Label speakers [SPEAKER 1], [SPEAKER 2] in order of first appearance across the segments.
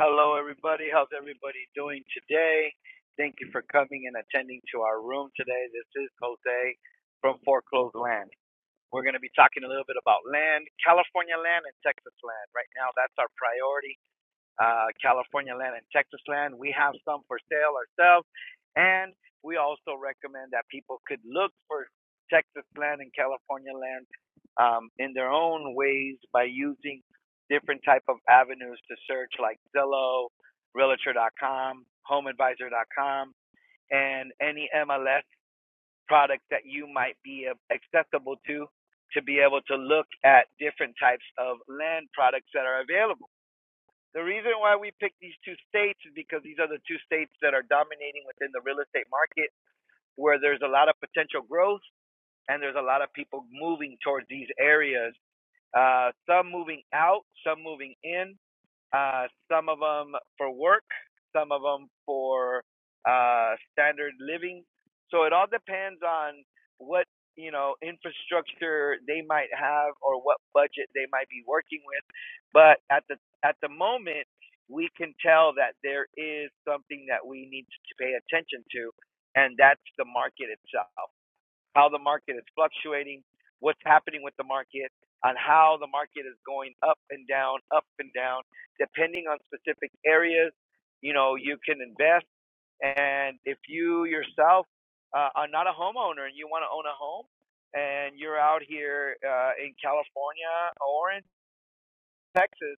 [SPEAKER 1] Hello, everybody. How's everybody doing today? Thank you for coming and attending to our room today. This is Jose from Foreclosed Land. We're going to be talking a little bit about land, California land, and Texas land. Right now, that's our priority uh, California land and Texas land. We have some for sale ourselves, and we also recommend that people could look for Texas land and California land um, in their own ways by using different type of avenues to search, like Zillow, Realtor.com, HomeAdvisor.com, and any MLS products that you might be uh, accessible to, to be able to look at different types of land products that are available the reason why we picked these two states is because these are the two states that are dominating within the real estate market, where there's a lot of potential growth and there's a lot of people moving towards these areas. Uh, some moving out, some moving in, uh, some of them for work, some of them for uh, standard living. So it all depends on what you know infrastructure they might have or what budget they might be working with. But at the at the moment, we can tell that there is something that we need to pay attention to, and that's the market itself how the market is fluctuating, what's happening with the market, on how the market is going up and down, up and down, depending on specific areas. You know, you can invest, and if you yourself uh, are not a homeowner and you want to own a home, and you're out here uh, in California or in Texas,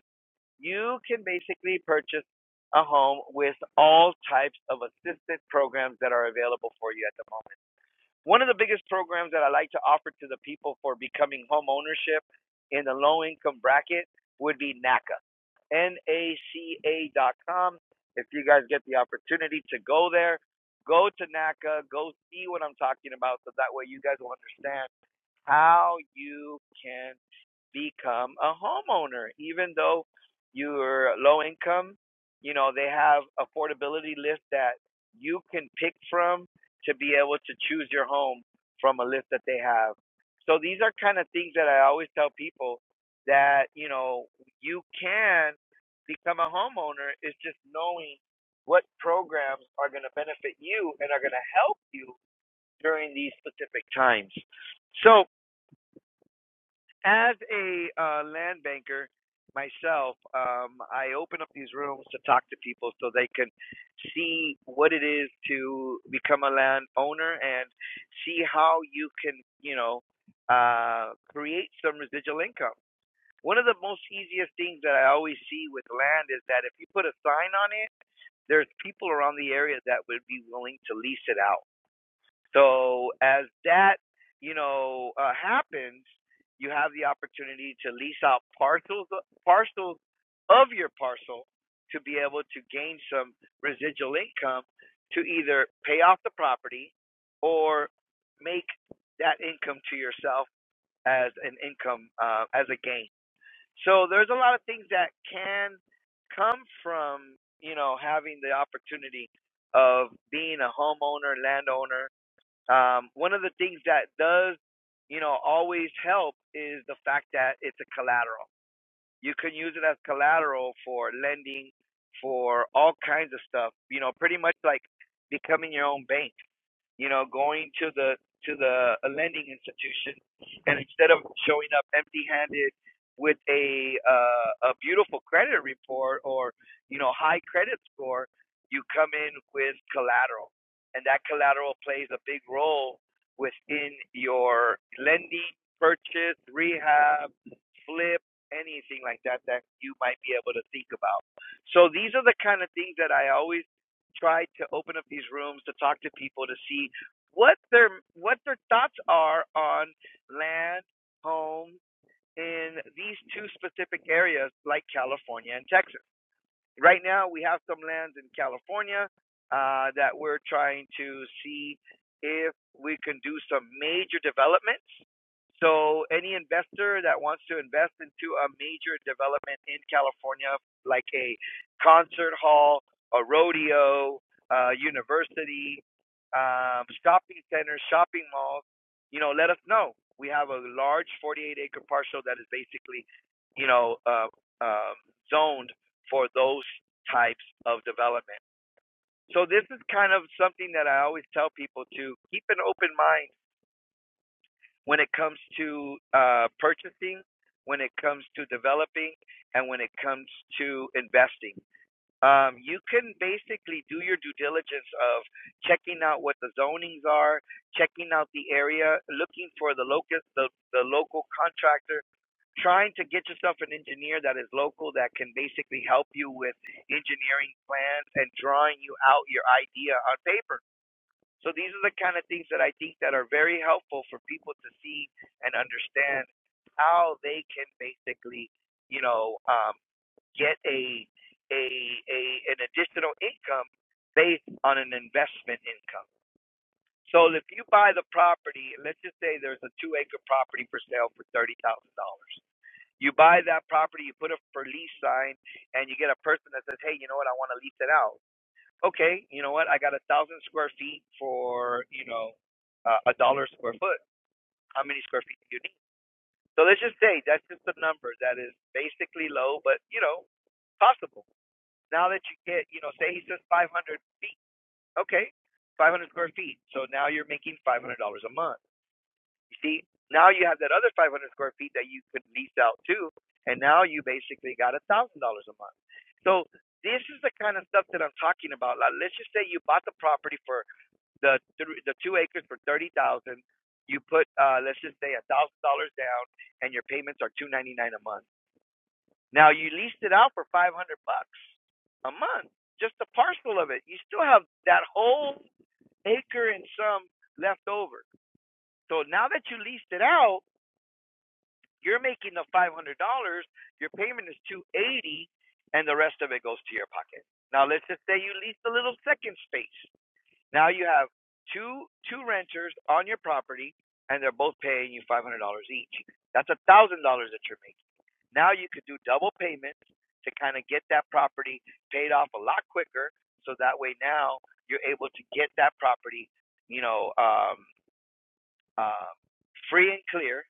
[SPEAKER 1] you can basically purchase a home with all types of assistance programs that are available for you at the moment. One of the biggest programs that I like to offer to the people for becoming home ownership in the low income bracket would be NACA, N A C A dot com. If you guys get the opportunity to go there, go to NACA, go see what I'm talking about so that way you guys will understand how you can become a homeowner, even though you're low income. You know, they have affordability lists that you can pick from to be able to choose your home from a list that they have. So these are kind of things that I always tell people that, you know, you can become a homeowner. It's just knowing what programs are going to benefit you and are going to help you during these specific times. So, as a uh, land banker myself, um, I open up these rooms to talk to people so they can see what it is to become a land owner and see how you can, you know, uh, create some residual income. One of the most easiest things that I always see with land is that if you put a sign on it, there's people around the area that would be willing to lease it out so as that, you know, uh, happens, you have the opportunity to lease out parcels, uh, parcels of your parcel to be able to gain some residual income to either pay off the property or make that income to yourself as an income, uh, as a gain. So there's a lot of things that can come from, you know, having the opportunity of being a homeowner, landowner, um, one of the things that does, you know, always help is the fact that it's a collateral. You can use it as collateral for lending, for all kinds of stuff. You know, pretty much like becoming your own bank you know, going to the to the a lending institution, and instead of showing up empty-handed with a uh, a beautiful credit report or you know high credit score, you come in with collateral, and that collateral plays a big role within your lending, purchase, rehab, flip, anything like that that you might be able to think about. So these are the kind of things that I always try to open up these rooms to talk to people to see what their what their thoughts are on land, home in these two specific areas like California and Texas right now we have some lands in California uh, that we're trying to see if we can do some major developments. So any investor that wants to invest into a major development in California, like a concert hall, a rodeo, a university, um, shopping centers, shopping malls, you know, let us know. We have a large 48 acre parcel that is basically, you know, uh, um, zoned for those types of development. So this is kind of something that I always tell people to keep an open mind when it comes to uh, purchasing, when it comes to developing, and when it comes to investing um, you can basically do your due diligence of checking out what the zonings are, checking out the area, looking for the local the, the local contractor, trying to get yourself an engineer that is local that can basically help you with engineering plans and drawing you out your idea on paper. So these are the kind of things that I think that are very helpful for people to see and understand how they can basically, you know, um, get a a a an additional income based on an investment income. So if you buy the property, let's just say there's a two acre property for sale for thirty thousand dollars. You buy that property, you put a for lease sign, and you get a person that says, "Hey, you know what? I want to lease it out." Okay, you know what? I got a thousand square feet for you know uh, a dollar a square foot. How many square feet do you need? So let's just say that's just a number that is basically low, but you know possible. Now that you get, you know, say he says 500 feet. Okay, 500 square feet. So now you're making $500 a month. You see, now you have that other 500 square feet that you could lease out too, and now you basically got $1,000 a month. So this is the kind of stuff that I'm talking about. Like, let's just say you bought the property for the three the two acres for 30,000. You put, uh, let's just say, $1,000 down, and your payments are 299 a month now you leased it out for 500 bucks a month, just a parcel of it. You still have that whole acre and some left over. So now that you leased it out, you're making the $500. Your payment is 280, and the rest of it goes to your pocket. Now let's just say you leased a little second space. Now you have two two renters on your property, and they're both paying you $500 each. That's $1,000 that you're making. Now you could do double payments to kind of get that property paid off a lot quicker. So that way now you're able to get that property, you know, um, uh, free and clear,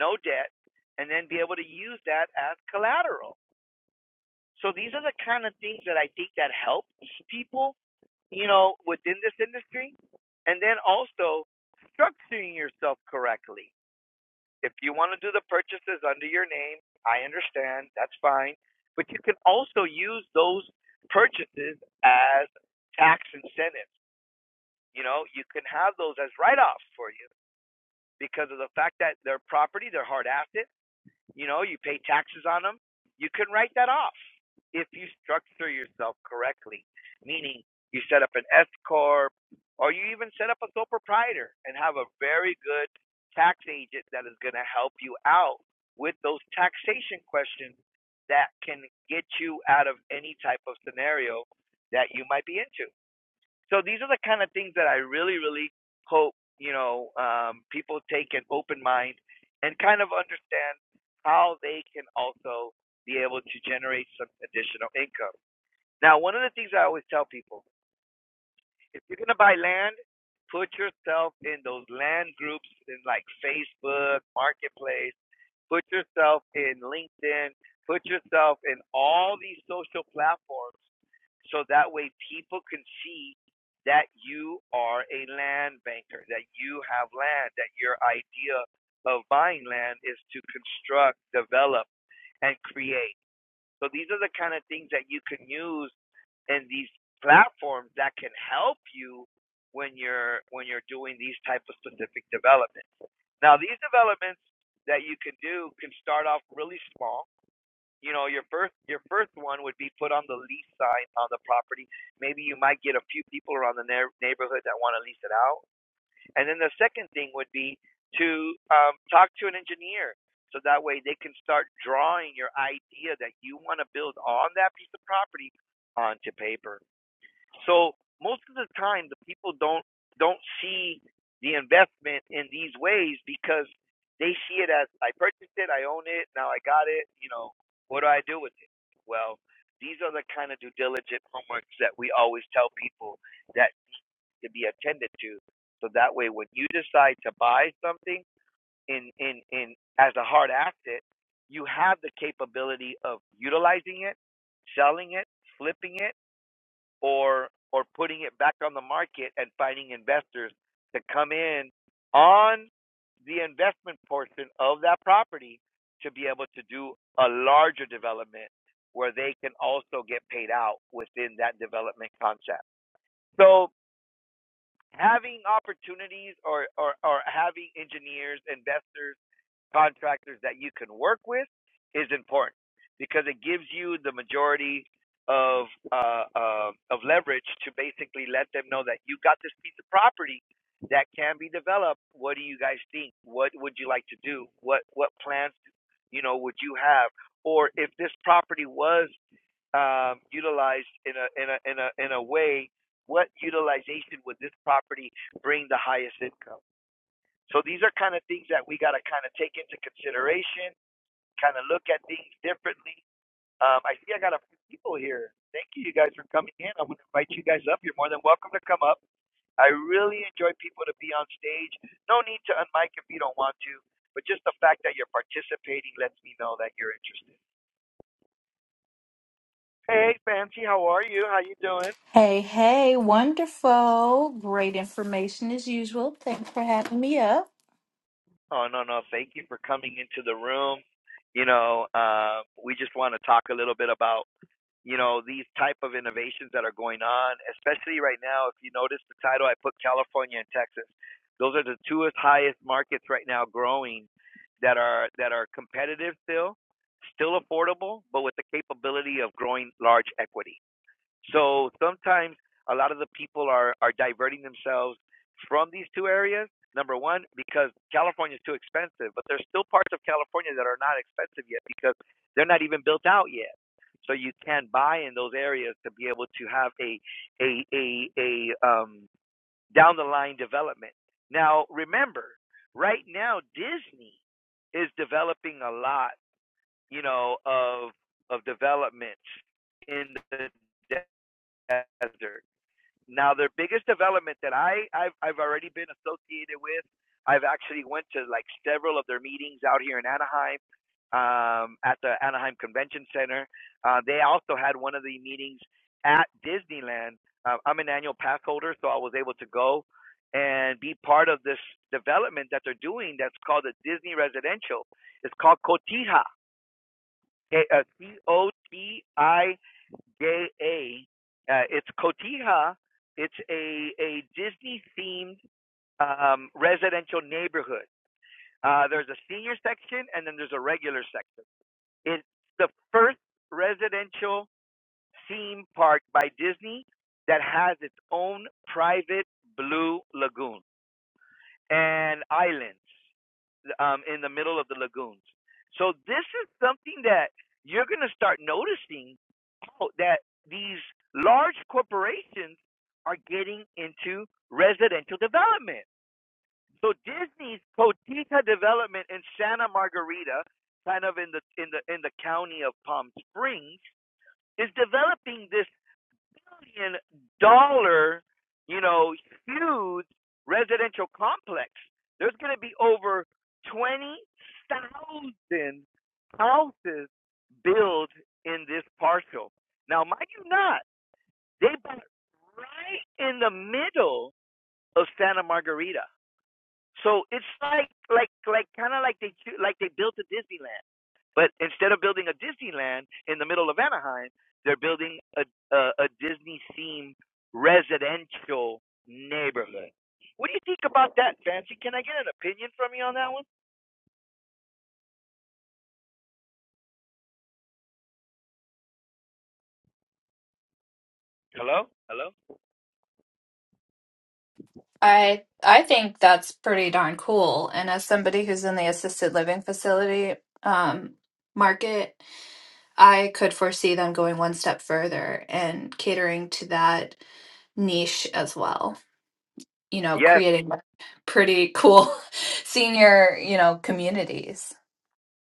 [SPEAKER 1] no debt, and then be able to use that as collateral. So these are the kind of things that I think that help people, you know, within this industry. And then also structuring yourself correctly if you want to do the purchases under your name, I understand. That's fine. But you can also use those purchases as tax incentives. You know, you can have those as write offs for you because of the fact that they're property, they're hard assets you know, you pay taxes on them. You can write that off if you structure yourself correctly, meaning you set up an S corp or you even set up a sole proprietor and have a very good tax agent that is going to help you out with those taxation questions that can get you out of any type of scenario that you might be into. So these are the kind of things that I really, really hope you know um, people take an open mind and kind of understand how they can also be able to generate some additional income. Now, one of the things I always tell people: if you're gonna buy land, put yourself in those land groups in like Facebook Marketplace Put yourself in LinkedIn. Put yourself in all these social platforms so that way people can see that you are a land banker, that you have land, that your idea of buying land is to construct, develop, and create. So these are the kind of things that you can use in these platforms that can help you when you're when you're doing these type of specific development. Now, these developments that you can do can start off really small. You know, your first your first one would be put on the lease sign on the property. Maybe you might get a few people around the neigh- neighborhood that want to lease it out. And then the second thing would be to um, talk to an engineer, so that way they can start drawing your idea that you want to build on that piece of property onto paper. So most of the time, the people don't don't see the investment in these ways because they see it as I purchased it, I own it, now I got it. You know, what do I do with it? Well, these are the kind of due diligent homeworks that we always tell people that need to be attended to. So that way, when you decide to buy something in in in as a hard asset, you have the capability of utilizing it, selling it, flipping it or or putting it back on the market and finding investors to come in on the investment portion of that property to be able to do a larger development where they can also get paid out within that development concept. So having opportunities or, or, or having engineers, investors contractors that you can work with is important because it gives you the majority of uh, uh, of leverage to basically let them know that you got this piece of property that can be developed. What do you guys think? What would you like to do? What what plans you know would you have? Or if this property was um, utilized in a in a in a in a way, what utilization would this property bring the highest income? So these are kind of things that we got to kind of take into consideration, kind of look at things differently. Um, I see I got a few people here. Thank you, you guys, for coming in. I'm going to invite you guys up. You're more than welcome to come up. I really enjoy people to be on stage. No need to unmic if you don't want to, but just the fact that you're participating lets me know that you're interested. Hey, Fancy, how are you? How you doing?
[SPEAKER 2] Hey, hey, wonderful. Great information as usual. Thanks for having me up.
[SPEAKER 1] Oh no, no, thank you for coming into the room. You know, uh, we just want to talk a little bit about you know these type of innovations that are going on especially right now if you notice the title i put california and texas those are the two highest markets right now growing that are that are competitive still still affordable but with the capability of growing large equity so sometimes a lot of the people are, are diverting themselves from these two areas. Number one, because California is too expensive, but there's still parts of California that are not expensive yet because they're not even built out yet. So you can buy in those areas to be able to have a a a a um, down the line development. Now remember, right now Disney is developing a lot, you know, of of developments in the desert. Now, their biggest development that I I've, I've already been associated with, I've actually went to like several of their meetings out here in Anaheim, um, at the Anaheim Convention Center. Uh, they also had one of the meetings at Disneyland. Uh, I'm an annual pass holder, so I was able to go and be part of this development that they're doing. That's called the Disney Residential. It's called Cotija, C O T I J A. Uh, it's Cotija. It's a a Disney themed um, residential neighborhood. Uh, there's a senior section and then there's a regular section. It's the first residential theme park by Disney that has its own private blue lagoon and islands um, in the middle of the lagoons. So this is something that you're going to start noticing out that these large corporations are getting into residential development. So Disney's Cotija development in Santa Margarita, kind of in the in the in the county of Palm Springs, is developing this billion dollar, you know, huge residential complex. There's going to be over 20,000 houses built in this parcel. Now, mind you not, they bought right in the middle of Santa Margarita. So it's like like like kind of like they like they built a Disneyland, but instead of building a Disneyland in the middle of Anaheim, they're building a a, a Disney themed residential neighborhood. What do you think about that, Fancy? Can I get an opinion from you on that one? Hello, hello.
[SPEAKER 3] I I think that's pretty darn cool. And as somebody who's in the assisted living facility um, market, I could foresee them going one step further and catering to that niche as well. You know,
[SPEAKER 1] Yes,
[SPEAKER 3] creating like pretty cool senior, you know, communities.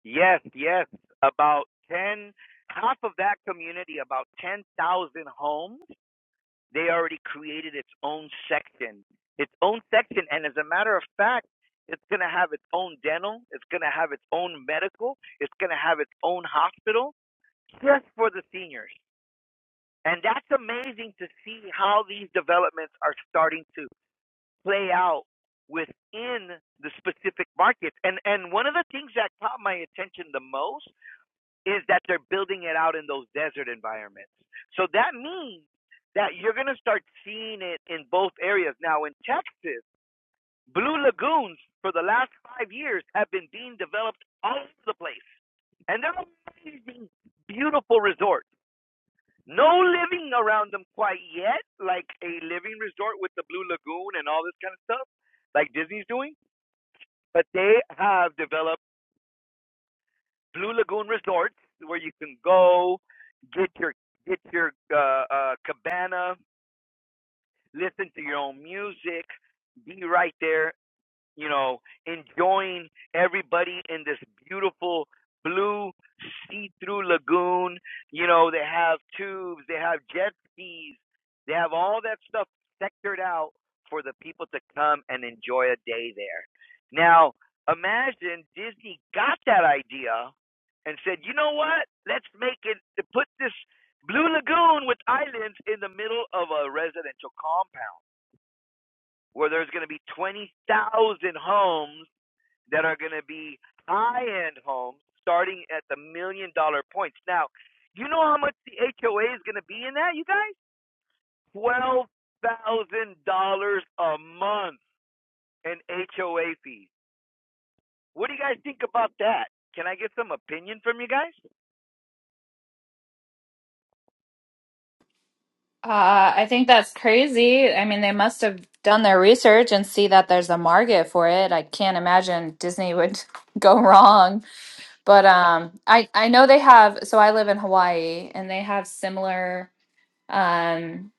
[SPEAKER 1] yes, yes. About ten, half of that community, about ten thousand homes they already created its own section, its own section. And as a matter of fact, it's going to have its own dental, it's going to have its own medical, it's going to have its own hospital just for the seniors. And that's amazing to see how these developments are starting to play out within the specific markets. And and one of the things that caught my attention the most is that they're building it out in those desert environments. So that means that you're going to start seeing it in both areas. Now, in Texas, blue lagoons for the last five years have been being developed all over the place. And they're amazing, beautiful resorts. No living around them quite yet, like a living resort with the Blue Lagoon and all this kind of stuff, like Disney's doing. But they have developed Blue Lagoon Resort, where you can go get your get your uh, uh, cabana, listen to your own music, be right there you know, enjoying everybody in this beautiful blue see-through lagoon. You know, they have tubes, they have jet skis, they have all that stuff sectored out for the people to come and enjoy a day there. Now, imagine Disney got that idea and said, "You know what? Let's make it put this blue lagoon with islands in the middle of a residential compound." where there's going to be 20,000 homes that are going to be high end homes starting at the million dollar points. Now, you know how much the HOA is going to be in that, you guys? $12,000 a month in HOA fees. What do you guys think about that? Can I get some opinion from you guys?
[SPEAKER 3] Uh, I think that's crazy. I mean, they must have done their research and see that there's a market for it. I can't imagine Disney would go wrong But um, I I know they have. So I live in Hawaii, and they have similar, um,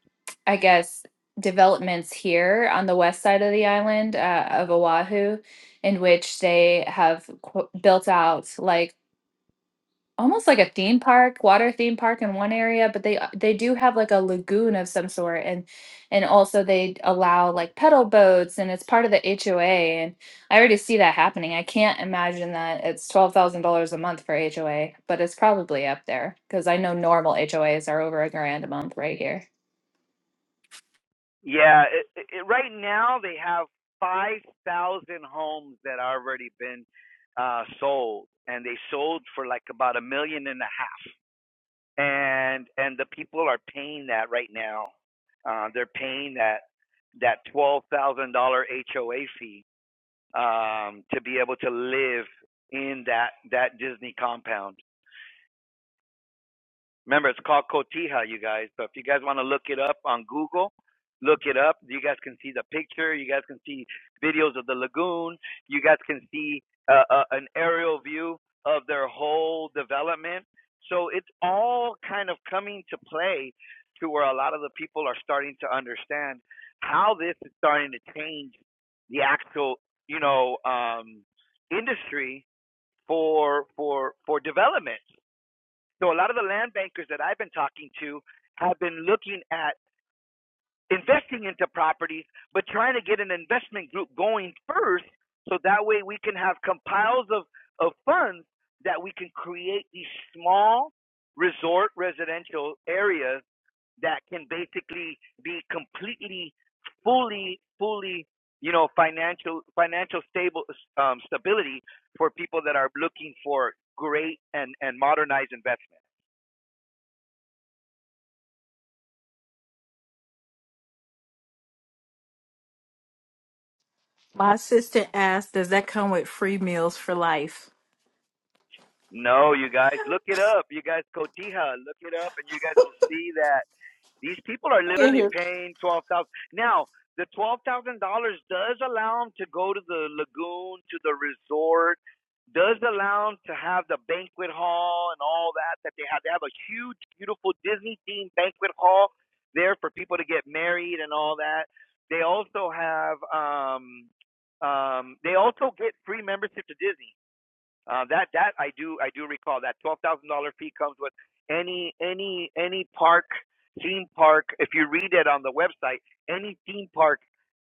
[SPEAKER 3] I guess, developments here on the west side of the island uh, of Oahu, in which they have qu- built out like almost like a theme park, water theme park in one area, but they uh, they do have like a lagoon of some sort and and also they allow like pedal boats and it's part of the HOA and I already see that happening. I can't imagine that it's $12,000 a month for HOA, but it's probably up there cuz I know normal HOAs are over a grand a month right here.
[SPEAKER 1] Yeah, it, it, right now they have 5,000 homes that have already been uh, sold, and they sold for like about a million and a half. and and the people are paying that right now. Uh, they're paying that that twelve thousand dollar HOA fee um, to be able to live in that that Disney compound. Remember, it's called Cotija, you guys. So if you guys want to look it up on Google, look it up. You guys can see the picture. You guys can see videos of the lagoon. You guys can see uh, uh, an aerial view of their whole development. So it's all kind of coming to play to where a lot of the people are starting to understand how this is starting to change the actual, you know, um, industry for for for development. So a lot of the land bankers that I've been talking to have been looking at investing into properties, but trying to get an investment group going first, so that way we can have compiles of of funds that we can create these small resort residential areas that can basically be completely, fully, fully, you know, financial financial stable um, stability for people that are looking for great and and modernized investment.
[SPEAKER 2] My assistant asked, does that come with free meals for life?
[SPEAKER 1] No, you guys, look it up. You guys, Cotija, look it up, and you guys will see that these people are
[SPEAKER 2] we
[SPEAKER 1] literally
[SPEAKER 2] here.
[SPEAKER 1] paying twelve thousand. Now, the twelve thousand dollars does allow them to go to the lagoon, to the resort, does allow them to have the banquet hall and all that that they have. They have a huge, beautiful Disney themed banquet hall there for people to get married and all that. They also have um um they also get free membership to Disney. Uh, that that I do I do recall that twelve thousand dollar fee comes with any any any park theme park. If you read it on the website, any theme park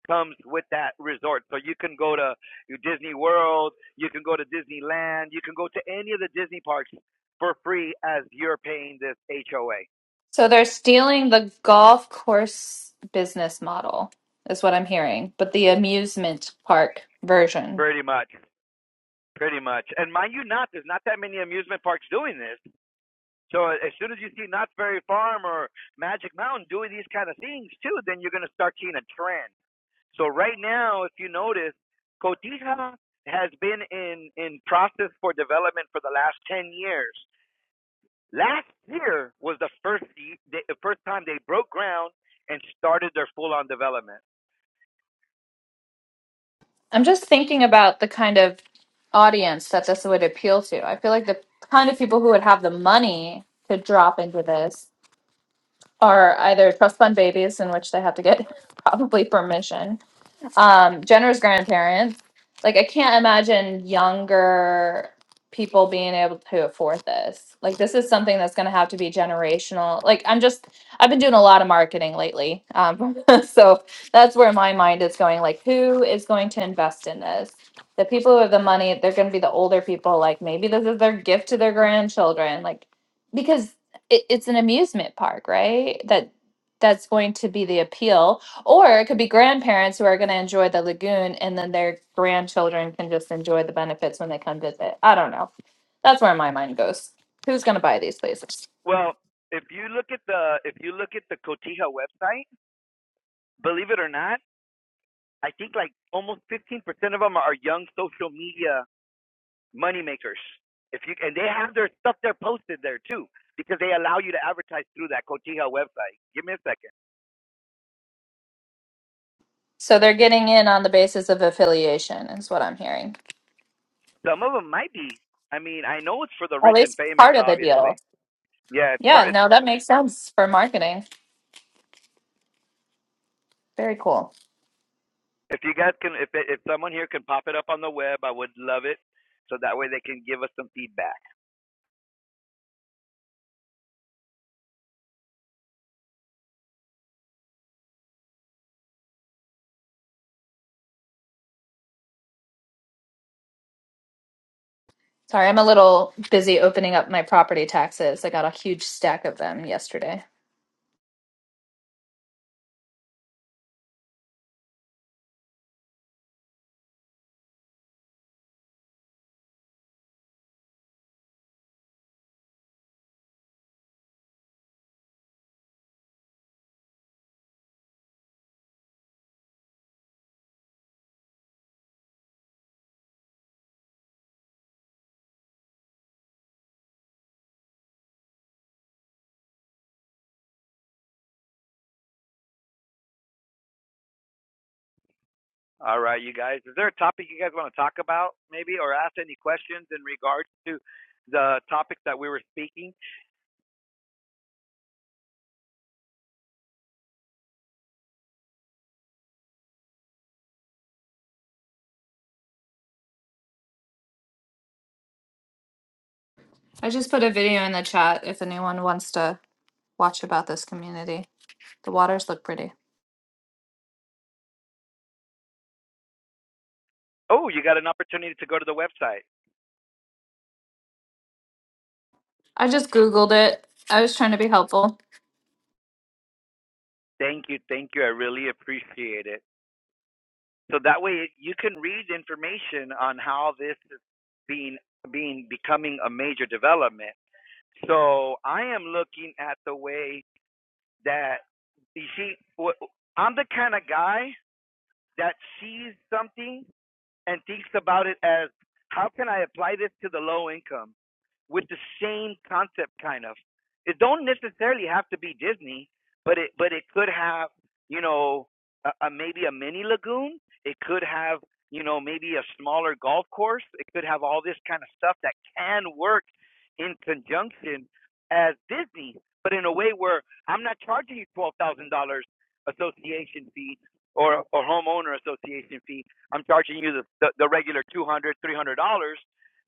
[SPEAKER 1] comes with that resort. So you can go to your Disney World, you can go to Disneyland, you can go to any of the Disney parks for free as you're paying this HOA.
[SPEAKER 3] So they're stealing the golf course business model is what I'm hearing, but the amusement park version.
[SPEAKER 1] Pretty much, pretty much. And mind you, not there's not that many amusement parks doing this. So as soon as you see Knott's Berry Farm or Magic Mountain doing these kind of things too, then you're going to start seeing a trend. So right now, if you notice, Cotija has been in in process for development for the last 10 years. Last year was the first the first time they broke ground and started their full on development.
[SPEAKER 3] I'm just thinking about the kind of audience that this would appeal to. I feel like the kind of people who would have the money to drop into this are either trust fund babies, in which they have to get probably permission, um, Jenner's grandparents. Like, I can't imagine younger people being able to afford this. Like, this is something that's going to have to be generational. Like, I'm just, I've been doing a lot of marketing lately. Um, so that's where my mind is going. Like, who is going to invest in this? The people who have the money, they're going to be the older people. Like, maybe this is their gift to their grandchildren. Like, because it, it's an amusement park, right? That that's going to be the appeal or it could be grandparents who are going to enjoy the lagoon and then their grandchildren can just enjoy the benefits when they come visit. I don't know. That's where my mind goes. Who's going to buy these places?
[SPEAKER 1] Well, if you look at the if you look at the Cotija website, believe it or not, I think like almost 15% of them are young social media money makers. If you and they have their stuff there posted there too, because they allow you to advertise through that Cotija website. Give me a second.
[SPEAKER 3] So they're getting in on the basis of affiliation, is what I'm hearing.
[SPEAKER 1] Some of them might be. I mean, I know it's for the
[SPEAKER 3] At
[SPEAKER 1] rich and
[SPEAKER 3] least
[SPEAKER 1] famous,
[SPEAKER 3] part of the deal.
[SPEAKER 1] obviously. Yeah, it's part.
[SPEAKER 3] Yeah,
[SPEAKER 1] It's,
[SPEAKER 3] no, that makes sense for marketing. Very cool.
[SPEAKER 1] If you guys can, if if someone here can pop it up on the web, I would love it. So that way they can give us some feedback.
[SPEAKER 3] Sorry, I'm a little busy opening up my property taxes. I got a huge stack of them yesterday.
[SPEAKER 1] All right, you guys. Is there a topic you guys want to talk about, maybe, or ask any questions in regards to the topics that we were speaking?
[SPEAKER 3] I just put a video in the chat if anyone wants to watch about this community. The waters look pretty.
[SPEAKER 1] Oh, you got an opportunity to go to the website.
[SPEAKER 3] I just Googled it. I was trying to be helpful.
[SPEAKER 1] Thank you, thank you. I really appreciate it. So that way you can read information on how this is being being becoming a major development. So I am looking at the way that you see. wh- I'm the kind of guy that sees something and thinks about it as how can I apply this to the low income with the same concept kind of. It don't necessarily have to be Disney, but it but it could have you know a, a maybe a mini lagoon. It could have you know maybe a smaller golf course. It could have all this kind of stuff that can work in conjunction as Disney, but in a way where I'm not charging you twelve thousand dollars association fee or or homeowner association fee. I'm charging you the, the, the regular two hundred, three hundred dollars,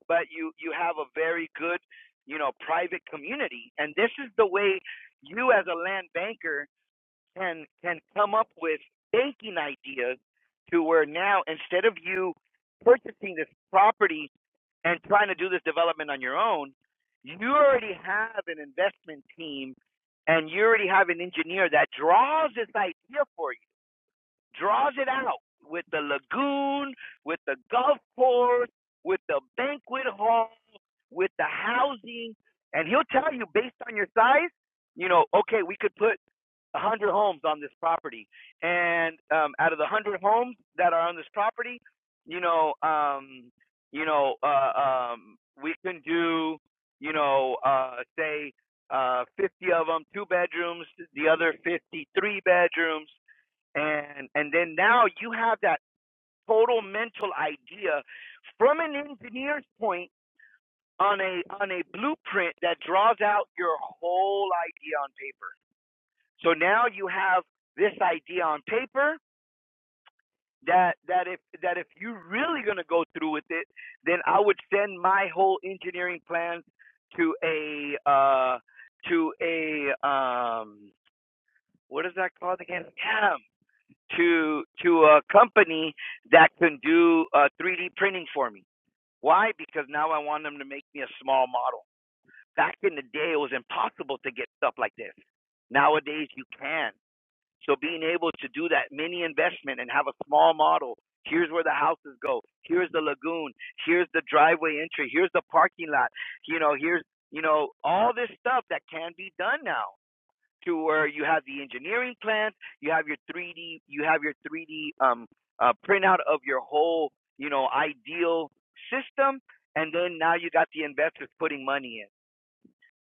[SPEAKER 1] but you you have a very good, you know, private community, and this is the way you as a land banker can can come up with banking ideas to where now instead of you purchasing this property and trying to do this development on your own, you already have an investment team and you already have an engineer that draws this idea for you draws it out with the lagoon, with the golf course, with the banquet hall, with the housing, and he'll tell you based on your size, you know, okay, we could put a hundred homes on this property, and um, out of the one hundred homes that are on this property, you know, um, you know, uh, um, we can do, you know, uh, say uh, 50 of them two bedrooms, the other 53 bedrooms and and then now you have that total mental idea from an engineer's point on a on a blueprint that draws out your whole idea on paper so now you have this idea on paper that that if that if you're really going to go through with it then i would send my whole engineering plans to a uh to a um what is that called again Damn, to to a company that can do uh, 3D printing for me. Why? Because now I want them to make me a small model. Back in the day, it was impossible to get stuff like this. Nowadays, you can. So being able to do that mini investment and have a small model. Here's where the houses go. Here's the lagoon. Here's the driveway entry. Here's the parking lot. You know, here's you know all this stuff that can be done now to where you have the engineering plant, you have your 3D, you have your 3D um, uh, printout of your whole, you know, ideal system, and then now you got the investors putting money in.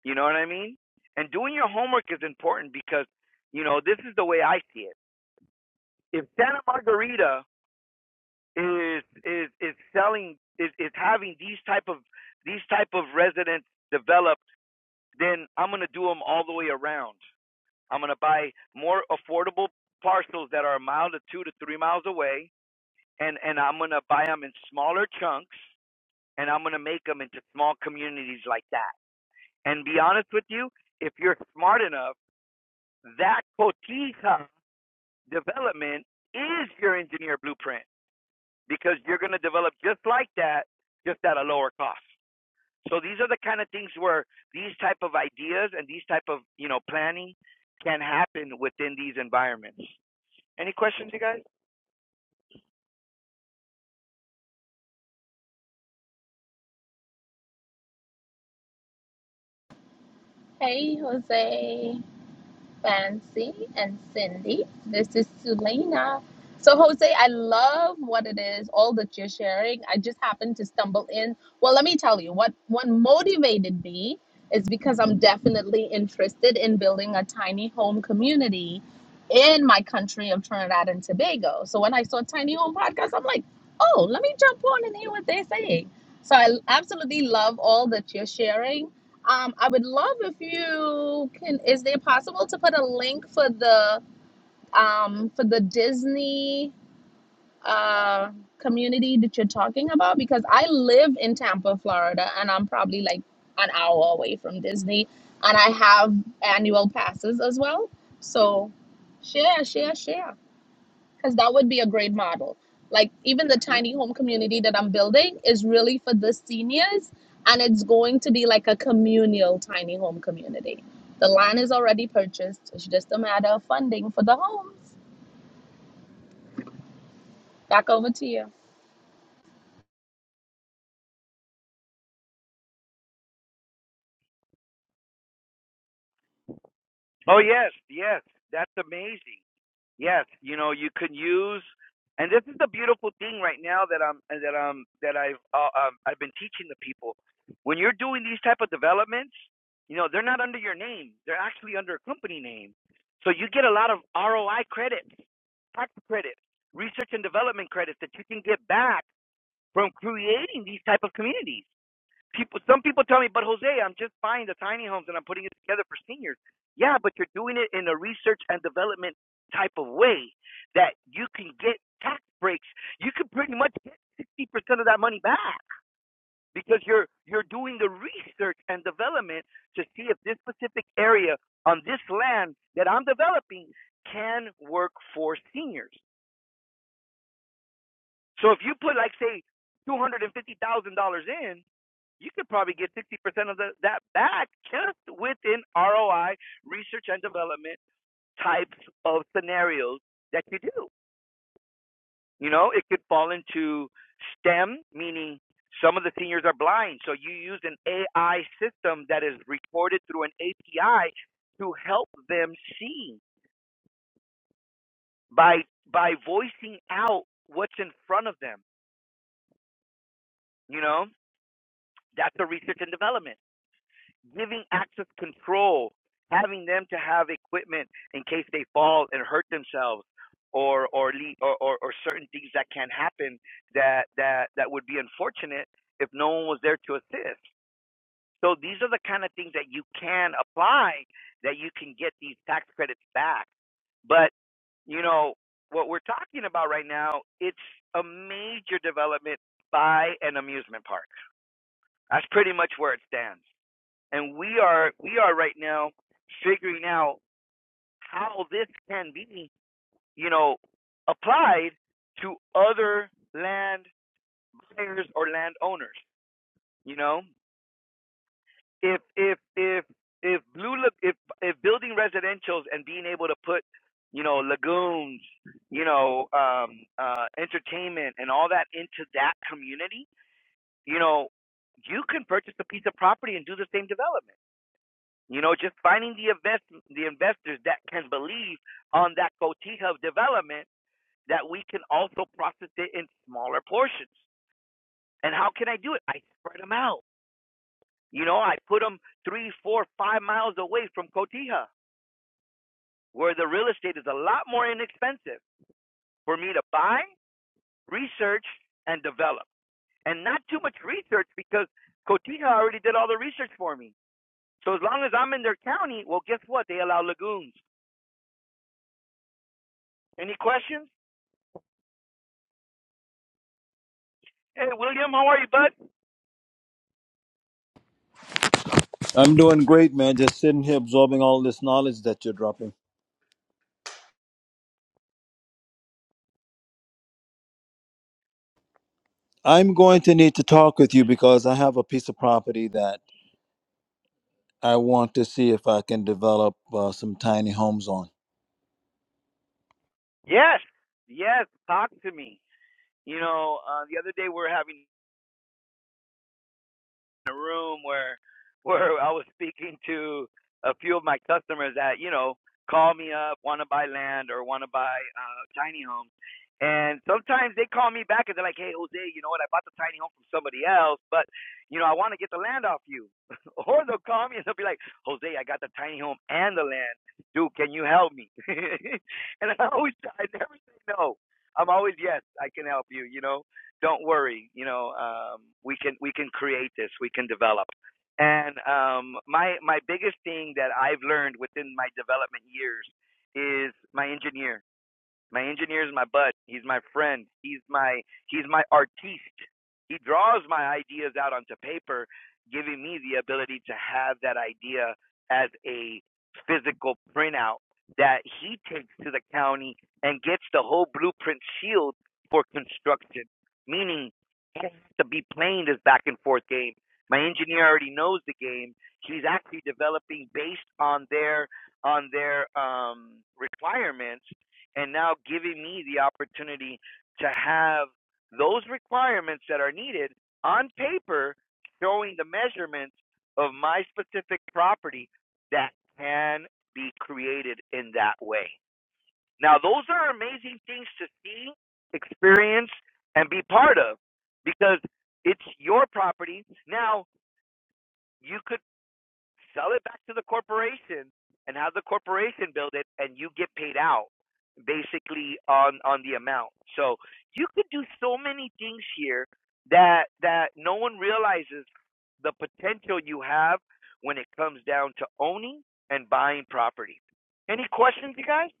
[SPEAKER 1] You know what I mean? And doing your homework is important because, you know, this is the way I see it. If Santa Margarita is is is selling is is having these type of these type of residents developed, then I'm gonna do them all the way around. I'm going to buy more affordable parcels that are a mile to two to three miles away, and and I'm going to buy them in smaller chunks, and I'm going to make them into small communities like that. And be honest with you, if you're smart enough, that cotija development is your engineer blueprint because you're going to develop just like that, just at a lower cost. So these are the kind of things where these type of ideas and these type of you know planning can happen within these environments. Any questions, you guys?
[SPEAKER 4] Hey, Jose, Fancy, and Cindy. This is Sulena. So, Jose, I love what it is, all that you're sharing. I just happened to stumble in. Well, let me tell you what, what motivated me is because I'm definitely interested in building a tiny home community in my country of Trinidad and Tobago. So, when I saw Tiny Home Podcast, I'm like, oh, let me jump on and hear what they're saying. So, I absolutely love all that you're sharing um, I would love if you can. Is it possible to put a link for the um for the Disney uh community that you're talking about? Because I live in Tampa, Florida, and I'm probably like an hour away from Disney, and I have annual passes as well. So, share, share, share because that would be a great model. Like even the
[SPEAKER 1] Mm.
[SPEAKER 4] tiny home community that I'm building is really for the seniors, and it's going to be like a communal tiny home community. The land is already purchased. It's just a matter of funding for the homes. Back over to you.
[SPEAKER 1] Oh yes, yes, that's amazing. Yes, you know you can use, and this is the beautiful thing right now that I'm that I'm that I've uh, um, I've been teaching the people. When you're doing these type of developments, you know they're not under your name; they're actually under a company name. So you get a lot of ROI credits, tax credits, research and development credits that you can get back from creating these type of communities. people some people tell me, but Jose, I'm just buying the tiny homes and I'm putting it together for seniors. Yeah, but you're doing it in a research and development type of way that you can get tax breaks. You can pretty much get sixty percent of that money back because you're you're doing the research and development to see if this specific area on this land that I'm developing can work for seniors. So if you put like say two hundred and fifty thousand dollars in, you could probably get sixty percent of the, that back just within ROI research and development types of scenarios that you do. You know, it could fall into STEM, meaning some of the seniors are blind, so you use an AI system that is recorded through an API to help them see by by voicing out what's in front of them. You know, that's a research and development giving access control, having them to have equipment in case they fall and hurt themselves, or or or, or, or certain things that can happen that that that would be unfortunate if no one was there to assist. So these are the kind of things that you can apply that you can get these tax credits back. But you know what we're talking about right now? It's a major development by an amusement park. That's pretty much where it stands and we are we are right now figuring out how this can be you know applied to other land buyers or landowners. you know if if if if blue if if building residentials and being able to put you know lagoons you know um uh entertainment and all that into that community you know you can purchase a piece of property and do the same development You know, just finding the invest the investors that can believe on that cotija of development that we can also process it in smaller portions. And how can I do it? I spread them out. You know, I put them three, four, five miles away from Cotija, where the real estate is a lot more inexpensive for me to buy, research, and develop. And not too much research because Cotija already did all the research for me. So as long as I'm in their county, well, guess what? They allow lagoons. Any questions? Hey, William, how are you, bud?
[SPEAKER 5] I'm doing great, man. Just sitting here absorbing all this knowledge that you're dropping. I'm going to need to talk with you because I have a piece of property that I want to see if I can develop uh, some tiny homes on.
[SPEAKER 1] Yes. Yes, talk to me. You know, uh, the other day we were having in a room where where I was speaking to a few of my customers that you know call me up, want to buy land or want to buy uh, tiny homes, and sometimes they call me back and they're like, "Hey, Jose, you know what? I bought the tiny home from somebody else, but you know I want to get the land off you." or they'll call me and they'll be like, "Jose, I got the tiny home and the land, dude. Can you help me?" and I always, I never say no. I'm always yes, I can help you. You know, don't worry you know um, we can we can create this we can develop and um, my my biggest thing that i've learned within my development years is my engineer my engineer is my bud. He's my friend. He's my he's my artiste. He draws my ideas out onto paper, giving me the ability to have that idea as a physical printout that he takes to the county and gets the whole blueprint sealed for construction. Meaning I don't have to be playing this back and forth game. My engineer already knows the game. He's actually developing based on their on their um, requirements and now giving me the opportunity to have those requirements that are needed on paper showing the measurements of my specific property that can be created in that way. Now, those are amazing things to see, experience, and be part of because it's your property. Now, you could sell it back to the corporation and have the corporation build it and you get paid out basically on on the amount so you could do so many things here that that no one realizes the potential you have when it comes down to owning and buying property any questions you guys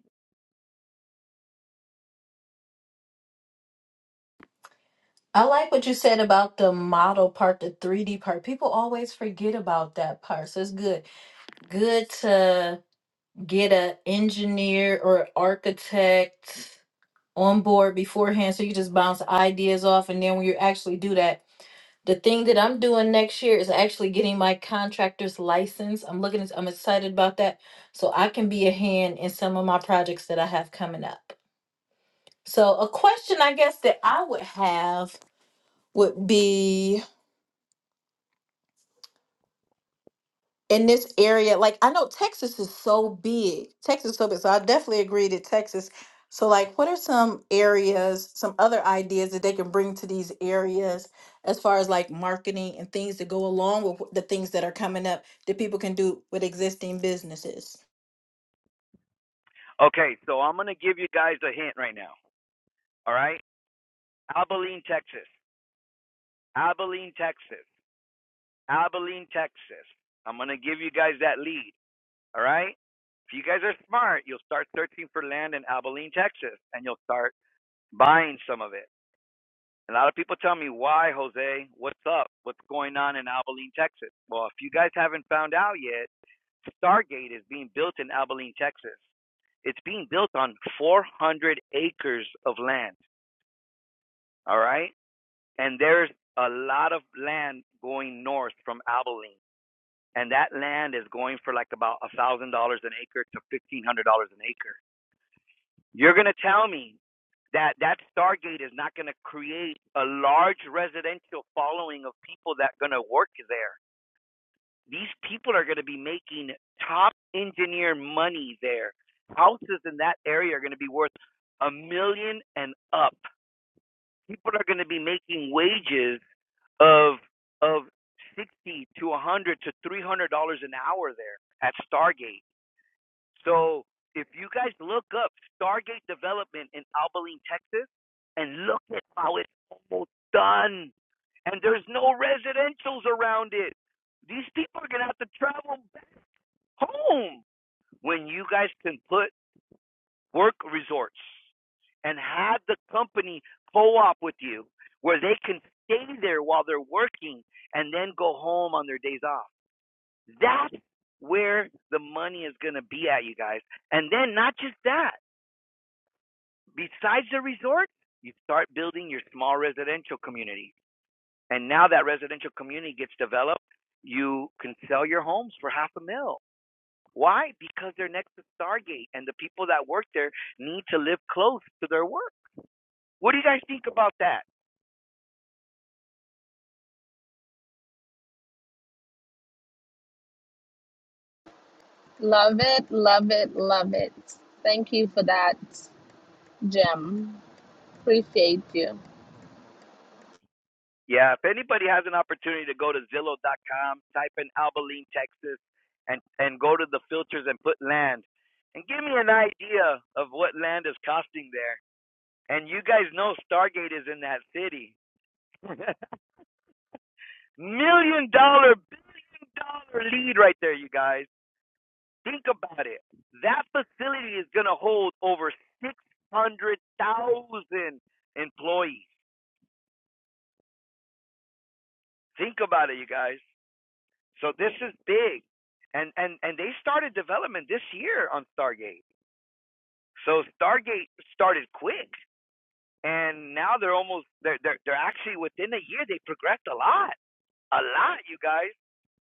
[SPEAKER 2] I like what you said about the model part, the 3D part. People always forget about that part. So it's good. Good to get a engineer or architect on board beforehand so you just bounce ideas off and then when you actually do that the thing that I'm doing next year is actually getting my contractor's license. I'm looking, at, I'm excited about that. So I can be a hand in some of my projects that I have coming up. So, a question I guess that I would have would be in this area like i know texas is so big texas is so big so i definitely agree that texas so like what are some areas some other ideas that they can bring to these areas as far as like marketing and things that go along with the things that are coming up that people can do with existing businesses
[SPEAKER 1] okay so i'm going to give you guys a hint right now all right abilene texas abilene texas abilene texas i'm going to give you guys that lead All right. If you guys are smart, you'll start searching for land in Abilene, Texas, and you'll start buying some of it. A lot of people tell me, why, Jose? What's up? What's going on in Abilene, Texas? Well, if you guys haven't found out yet, Stargate is being built in Abilene, Texas. It's being built on 400 acres of land. All right. And there's a lot of land going north from Abilene. And that land is going for like about a $1,000 an acre to $1,500 an acre. You're going to tell me that that Stargate is not going to create a large residential following of people that are going to work there. These people are going to be making top engineer money there. Houses in that area are going to be worth a million and up. People are going to be making wages of of sixty to a hundred to three hundred dollars an hour there at Stargate. So if you guys look up Stargate Development in Abilene, Texas, and look at how it's almost done, and there's no residentials around it, these people are gonna have to travel back home when you guys can put work resorts and have the company co-op with you, where they can stay there while they're working and then go home on their days off. That's where the money is going to be at, you guys. And then not just that, besides the resort, you start building your small residential community. And now that residential community gets developed, you can sell your homes for half a mil. Why? Because they're next to Stargate and the people that work there need to live close to their work. What do you guys think about that?
[SPEAKER 4] Love it, love it, love it. Thank you for that, Jim. Appreciate you.
[SPEAKER 1] Yeah, if anybody has an opportunity to go to Zillow.com, type in Abilene, Texas, and and go to the filters and put land, and give me an idea of what land is costing there. And you guys know Stargate is in that city. Million dollar, big dollar lead right there, you guys. Think about it. That facility is gonna hold over six hundred thousand employees. Think about it, you guys. So this is big. And and and they started development this year on Stargate. So Stargate started quick and now they're almost they're they're, they're actually within a year they progressed a lot. A lot, you guys.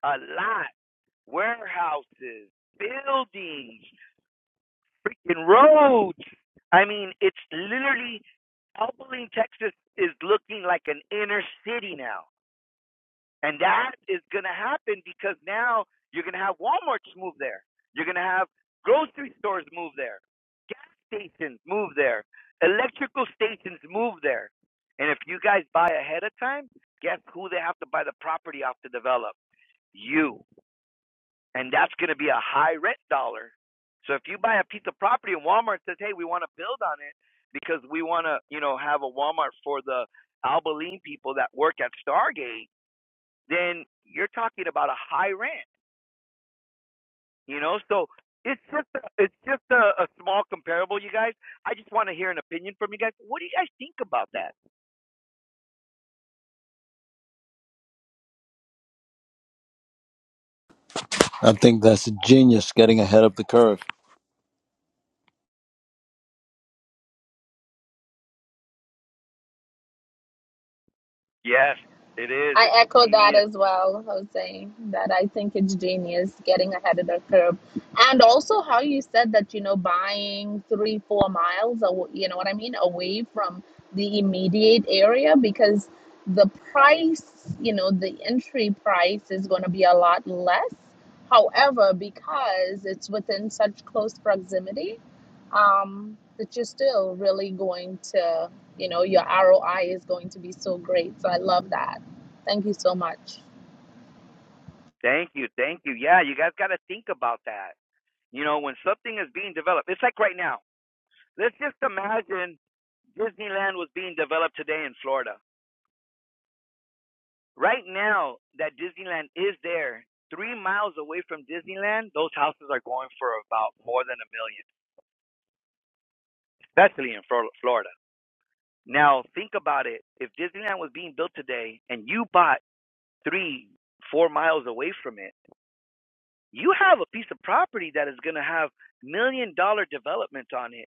[SPEAKER 1] A lot. Warehouses, buildings, freaking roads. I mean, it's literally Abilene, Texas is looking like an inner city now. And that is going to happen because now you're going to have Walmarts move there. You're going to have grocery stores move there. Gas stations move there. Electrical stations move there. And if you guys buy ahead of time, guess who they have to buy the property off to develop? You. And that's going to be a high rent dollar. So if you buy a piece of property and Walmart says, hey, we want to build on it because we want to, you know, have a Walmart for the Albaline people that work at Stargate then you're talking about a high rent, you know. So it's just a, it's just a, a small comparable, you guys. I just want to hear an opinion from you guys. What do you guys think about that?
[SPEAKER 5] I think that's genius getting ahead of the curve.
[SPEAKER 1] Yes, it is.
[SPEAKER 4] I
[SPEAKER 1] It's
[SPEAKER 4] echo that
[SPEAKER 1] genius.
[SPEAKER 4] as well, Jose, that I think it's genius getting ahead of the curve. And also how you said that, you know, buying three, four miles, or, you know what I mean, away from the immediate area because the price, you know, the entry price is going to be a lot less. However, because it's within such close proximity, um, that you're still really going to, you know, your ROI is going to be so great. So I love that. Thank you so much.
[SPEAKER 1] Thank you, thank you. Yeah, you guys got to think about that. You know, when something is being developed, it's like right now. Let's just imagine Disneyland was being developed today in Florida. Right now, that Disneyland is there. Three miles away from Disneyland, those houses are going for about more than a million. especially in Flor- Florida. Now, think about it. If Disneyland was being built today and you bought three, four miles away from it, you have a piece of property that is going to have million dollar development on it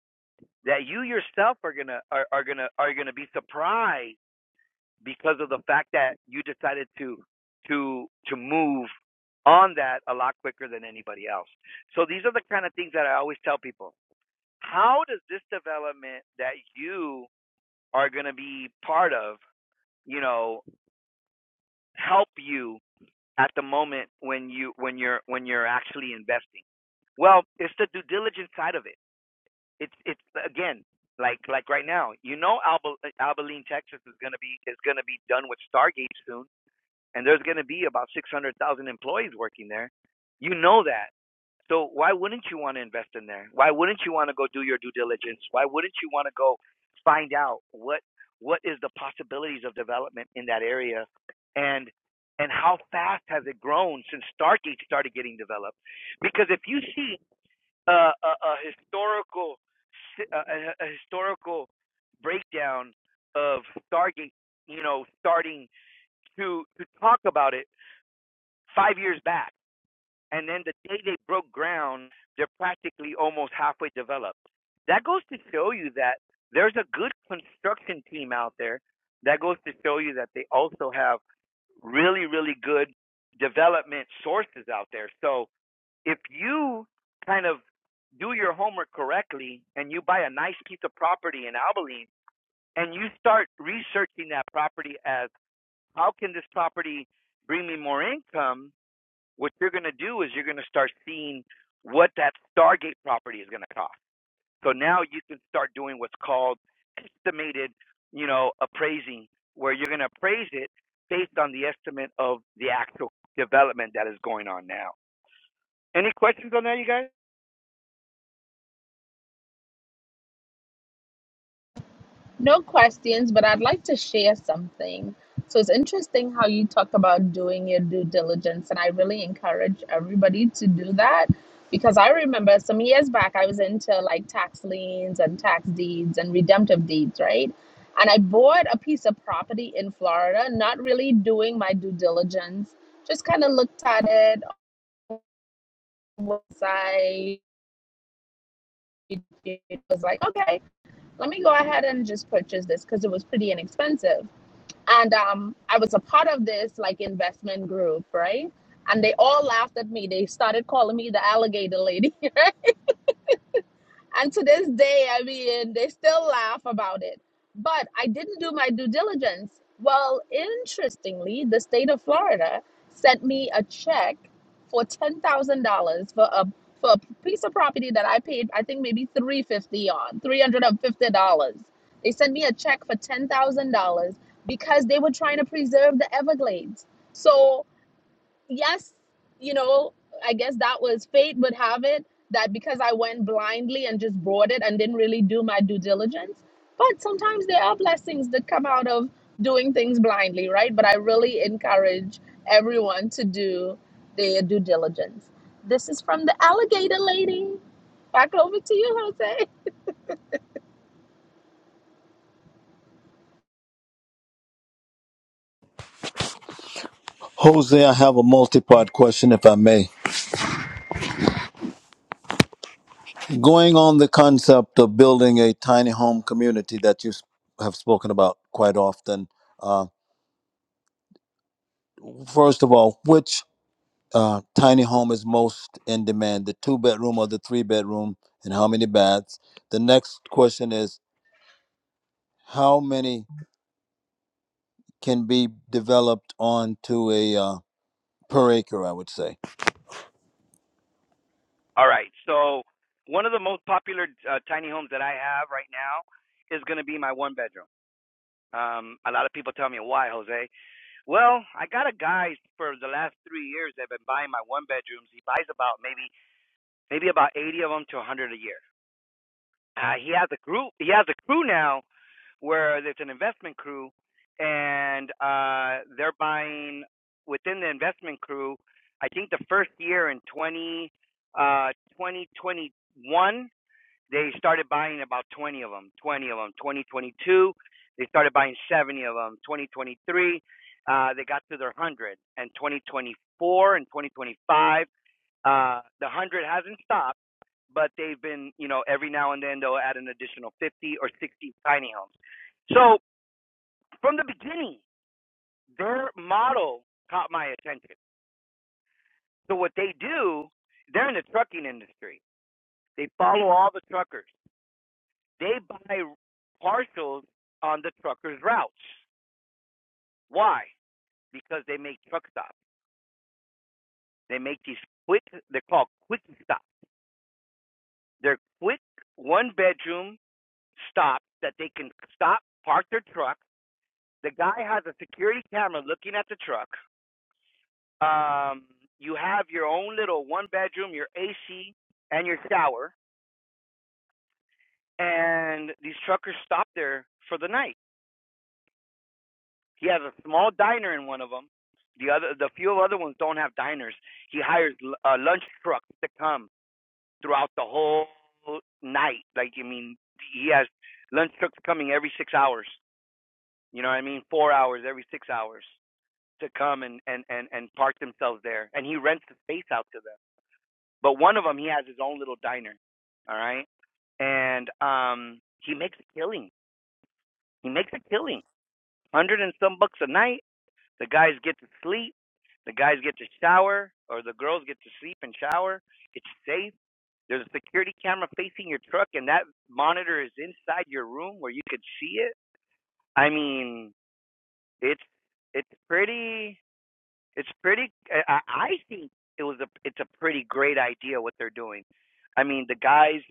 [SPEAKER 1] that you yourself are going to are, are going to are going to be surprised because of the fact that you decided to to to move on that a lot quicker than anybody else. So these are the kind of things that I always tell people. How does this development that you are going to be part of, you know, help you at the moment when you when you're when you're actually investing? Well, it's the due diligence side of it. It's it's again like like right now, you know, Albal- Abilene, Texas is going to be is going to be done with Stargate soon and there's going to be about 600,000 employees working there. You know that. So why wouldn't you want to invest in there? Why wouldn't you want to go do your due diligence? Why wouldn't you want to go find out what what is the possibilities of development in that area and and how fast has it grown since Stargate started getting developed? Because if you see uh, a, a historical si- uh, a, a historical breakdown of Stargate, you know, starting to to talk about it five years back, and then the day they broke ground, they're practically almost halfway developed. That goes to show you that there's a good construction team out there. That goes to show you that they also have really really good development sources out there. So if you kind of do your homework correctly and you buy a nice piece of property in Abilene and you start researching that property as how can this property bring me more income? What you're going to do is you're going to start seeing what that Stargate property is going to cost. So now you can start doing what's called estimated, you know, appraising, where you're going to appraise it based on the estimate of the actual development that is going on now. Any questions on that, you guys?
[SPEAKER 4] No questions, but I'd like to share something. So it's interesting how you talk about doing your due diligence, and I really encourage everybody to do that because I remember some years back I was into like tax liens and tax deeds and redemptive deeds, right? And I bought a piece of property in Florida, not really doing my due diligence, just kind of looked at it on the website. It was like, okay, let me go ahead and just purchase this because it was pretty inexpensive. And um, I was a part of this like investment group, right? And they all laughed at me. They started calling me the alligator lady, right? And to this day, I mean, they still laugh about it. But I didn't do my due diligence. Well, interestingly, the state of Florida sent me a check for ten thousand dollars for a for a piece of property that I paid, I think maybe three fifty on three hundred and fifty dollars. They sent me a check for ten thousand dollars because they were trying to preserve the Everglades. So yes, you know, I guess that was fate would have it that because I went blindly and just bought it and didn't really do my due diligence. But sometimes there are blessings that come out of doing things blindly, right? But I really encourage everyone to do their due diligence. This is from the alligator lady. Back over to you, Jose.
[SPEAKER 5] Jose, I have a multi part question, if I may. Going on the concept of building a tiny home community that you s- have spoken about quite often, uh, first of all, which uh, tiny home is most in demand the two bedroom or the three bedroom and how many baths the next question is how many can be developed onto a uh, per acre i would say
[SPEAKER 1] All right. So one of the most popular uh, tiny homes that I have right now is going to be my one bedroom. Um, a lot of people tell me why, Jose. Well, I got a guy for the last three years that have been buying my one bedrooms. He buys about maybe maybe about eighty of them to a hundred a year. Uh, he has a crew. He has a crew now where it's an investment crew, and uh, they're buying within the investment crew. I think the first year in 20, uh, 2021, they started buying about 20 of them, 20 of them, 2022. They started buying 70 of them, 2023. Uh, they got to their 100 and 2024 and 2025. Uh, the 100 hasn't stopped, but they've been, you know, every now and then they'll add an additional 50 or 60 tiny homes. So from the beginning, their model caught my attention. So what they do, they're in the trucking industry. They follow all the truckers. They buy parcels on the truckers' routes. Why? Because they make truck stops. They make these quick, they're called quick stops. They're quick one bedroom stops that they can stop, park their truck. The guy has a security camera looking at the truck. Um, you have your own little one bedroom, your AC, and your shower. And these truckers stop there for the night. He has a small diner in one of them. The other, the few other ones don't have diners. He hires l- uh, lunch trucks to come throughout the whole night. Like I mean, he has lunch trucks coming every six hours. You know what I mean? Four hours every six hours to come and and and and park themselves there. And he rents the space out to them. But one of them, he has his own little diner. All right, and um, he makes a killing. He makes a killing, hundred and some bucks a night The guys get to sleep. The guys get to shower, or the girls get to sleep and shower. It's safe. There's a security camera facing your truck, and that monitor is inside your room where you could see it. I mean, it's it's pretty. It's pretty. I, I I think it was a. It's a pretty great idea what they're doing. I mean, the guys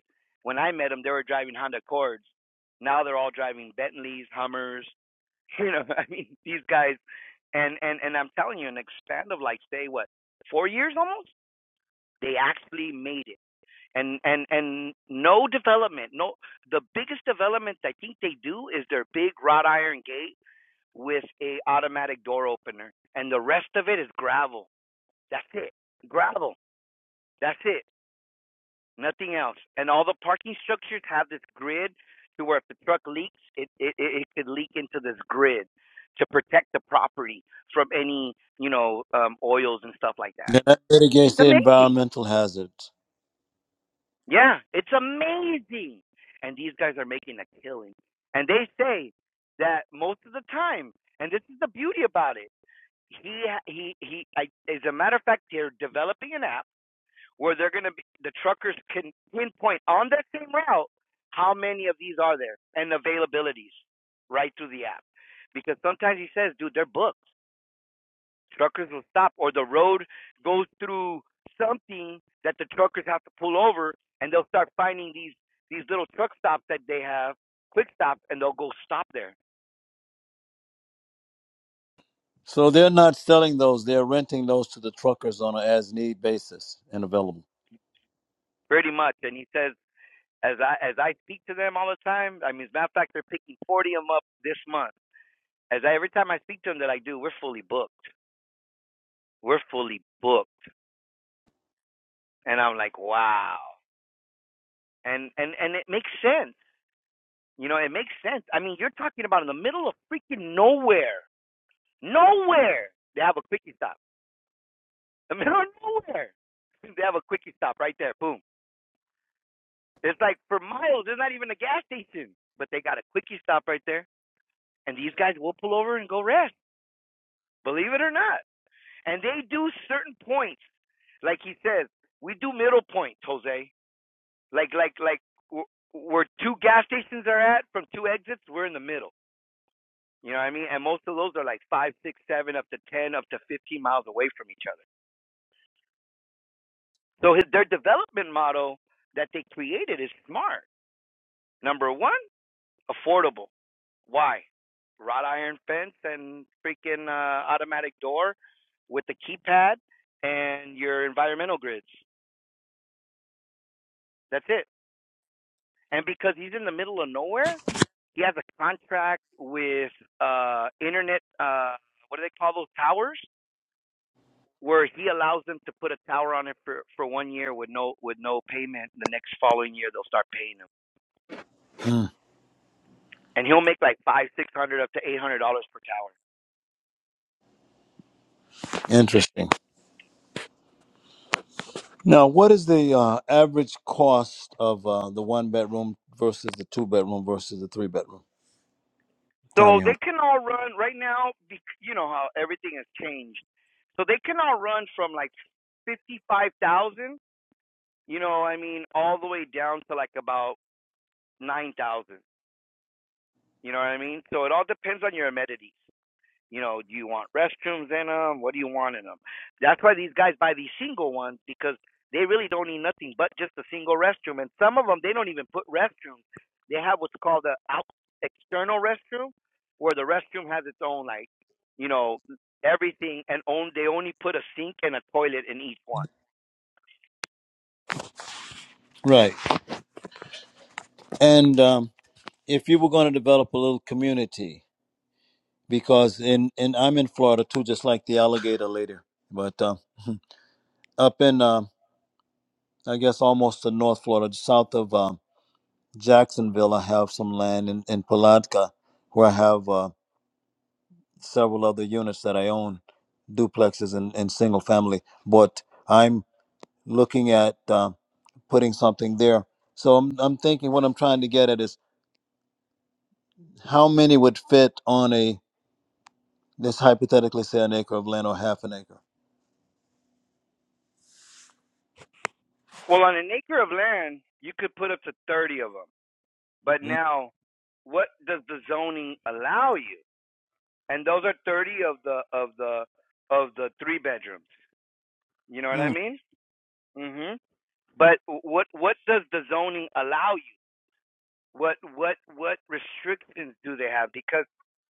[SPEAKER 1] when I met them, they were driving Honda Accords. Now they're all driving Bentleys, Hummers, you know, I mean, these guys, and and and I'm telling you, in an span of like say what four years almost, they actually made it. And and and no development, no. The biggest development I think they do is their big wrought iron gate with a automatic door opener, and the rest of it is gravel. That's it, gravel. That's it nothing else. And all the parking structures have this grid to where if the truck leaks, it it, it, could leak into this grid to protect the property from any you know um, oils and stuff like that.
[SPEAKER 5] and that mitigates
[SPEAKER 1] It's
[SPEAKER 5] the
[SPEAKER 1] amazing.
[SPEAKER 5] environmental hazards
[SPEAKER 1] Yeah, it's amazing. And these guys are making a killing. And they say that most of the time, and this is the beauty about it. He he he. I, as a matter of fact, they're developing an app where they're going to be the truckers can pinpoint on that same route how many of these are there and availabilities right through the app because sometimes he says dude they're booked truckers will stop or the road goes through something that the truckers have to pull over and they'll start finding these these little truck stops that they have quick stops and they'll go stop there
[SPEAKER 5] so they're not selling those they're renting those to the truckers on an as need basis and available
[SPEAKER 1] pretty much and he says as i as i speak to them all the time i mean as a matter of fact they're picking 40 of them up this month as I, every time I speak to them that I do, we're fully booked. We're fully booked, and I'm like, wow. And and and it makes sense. You know, it makes sense. I mean, you're talking about in the middle of freaking nowhere, nowhere. They have a quickie stop. The middle of nowhere, they have a quickie stop right there. Boom. It's like for miles, there's not even a gas station, but they got a quickie stop right there, and these guys will pull over and go rest. Believe it or not, and they do certain points, like he says. We do middle points, Jose. like like like where two gas stations are at from two exits we're in the middle you know what i mean and most of those are like five six seven up to ten up to fifteen miles away from each other so his, their development model that they created is smart number one affordable why wrought iron fence and freaking uh, automatic door with the keypad and your environmental grids that's it and because he's in the middle of nowhere He has a contract with uh, internet. Uh, what do they call those towers? Where he allows them to put a tower on it for for one year with no with no payment. The next following year they'll start paying him,
[SPEAKER 5] Hmm,
[SPEAKER 1] and he'll make like five, six hundred up to eight hundred dollars per tower.
[SPEAKER 5] interesting now what is the uh, average cost of uh, the one bedroom versus the two bedroom versus the three bedroom
[SPEAKER 1] So
[SPEAKER 5] tiny
[SPEAKER 1] they
[SPEAKER 5] home
[SPEAKER 1] can all run right now. bec You know how everything has changed. So they can all run from like fifty five thousand. You know, I mean, all the way down to like about nine thousand. You know what I mean? So it all depends on your amenities. You know, do you want restrooms in them? What do you want in them? That's why these guys buy these single ones because they really don't need nothing but just a single restroom. And some of them, they don't even put restrooms. They have what's called an out external restroom, where the restroom has its own like, you know, everything, and on, they only put a sink and a toilet in each one.
[SPEAKER 5] right And um, if you were going to develop a little community, because in, in I'm in Florida too, just like the alligator later, but um, up in um I guess almost to North Florida, just south of um, Jacksonville, I have some land in in Palatka, where I have uh, several other units that I own, duplexes and, and single family. But I'm looking at uh, putting something there. So I'm I'm thinking what I'm trying to get at is how many would fit on a Let's hypothetically say an acre of land or half an acre.
[SPEAKER 1] Well, on an acre of land, you could put up to 30 of them. But
[SPEAKER 5] mm
[SPEAKER 1] now, what does the zoning allow you? and those are 30 of the of the of the three bedrooms you know what i
[SPEAKER 5] mm,
[SPEAKER 1] mean mhm but what what does the zoning allow you what what what restrictions do they have because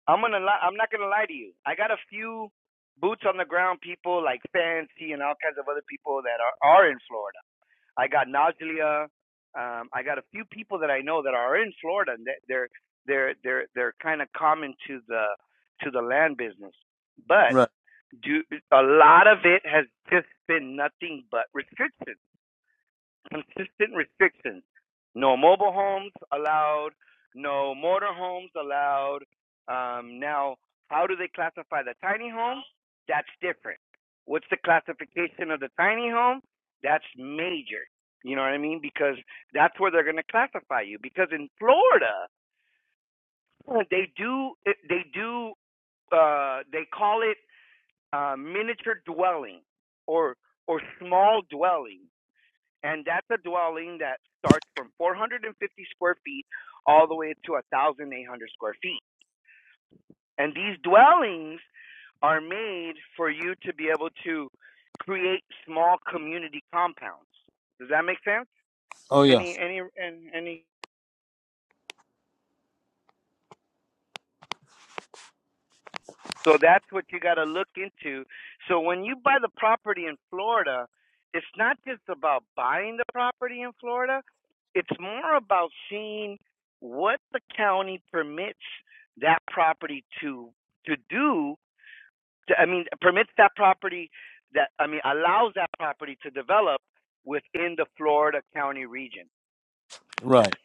[SPEAKER 1] i'm going to li- i'm not going to lie to you i got a few boots on the ground people like fancy and all kinds of other people that are are in florida i got nausea um i got a few people that i know that are in florida and they're they're they're they're kind of common to the to the land business but
[SPEAKER 5] Right.
[SPEAKER 1] do a lot of it has just been nothing but restrictions, consistent restrictions. No mobile homes allowed, no motor homes allowed. Um, now, how do they classify the tiny home? That's different. What's the classification of the tiny home? That's major. You know what I mean? Because that's where they're going to classify you. Because in Florida, they do they do uh, they call it uh, miniature dwelling or or small dwelling, and that's a dwelling that starts from 450 square feet all the way to 1,800 square feet. And these dwellings are made for you to be able to create small community compounds. Does that make sense?
[SPEAKER 5] Oh yeah.
[SPEAKER 1] Any any any So that's what you got to look into. So when you buy the property in Florida, it's not just about buying the property in Florida, it's more about seeing what the county permits that property to to do to, I mean permits that property that I mean allows that property to develop within the Florida county region.
[SPEAKER 5] Right.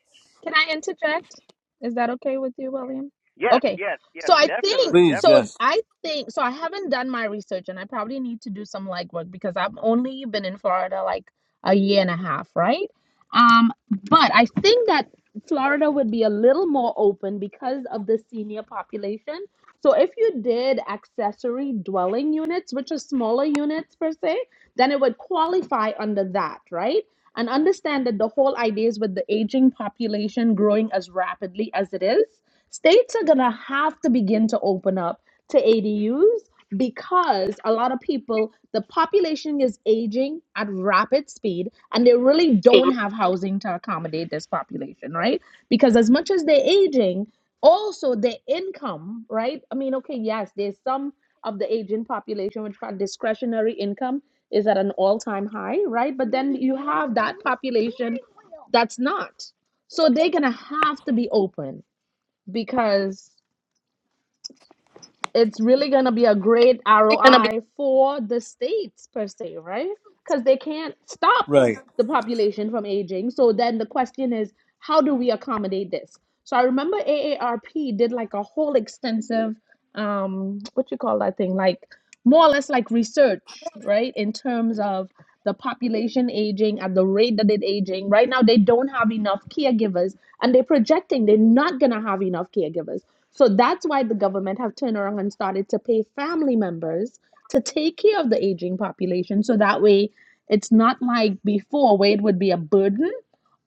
[SPEAKER 4] Can I interject? Is that okay with you, William?
[SPEAKER 1] Yes,
[SPEAKER 4] Okay.
[SPEAKER 1] yes, yes,
[SPEAKER 4] So I think
[SPEAKER 1] definitely,
[SPEAKER 5] Please.
[SPEAKER 1] definitely.
[SPEAKER 4] so
[SPEAKER 5] Yes.
[SPEAKER 4] I think so I haven't done my research and I probably need to do some legwork because I've only been in Florida like a year and a half, right? Um, but I think that Florida would be a little more open because of the senior population. So if you did accessory dwelling units, which are smaller units per se, then it would qualify under that, right? and understand that the whole idea is with the aging population growing as rapidly as it is, states are going to have to begin to open up to ADUs because a lot of people, the population is aging at rapid speed and they really don't have housing to accommodate this population, right? Because as much as they're aging, also their income, right? I mean, okay, yes, there's some of the aging population which got discretionary income is at an all-time high, right? But then you have that population that's not. So they're gonna have to be open because it's really going to be a great ROI for the states per se, right? Because they can't stop
[SPEAKER 5] Right.
[SPEAKER 4] the population from aging. So then the question is, how do we accommodate this? So I remember AARP did like a whole extensive, um, what you call that thing, like more or less like research, right? In terms of the population aging at the rate that it's aging. Right now, they don't have enough caregivers, and they're projecting they're not gonna have enough caregivers. So that's why the government have turned around and started to pay family members to take care of the aging population. So that way, it's not like before where it would be a burden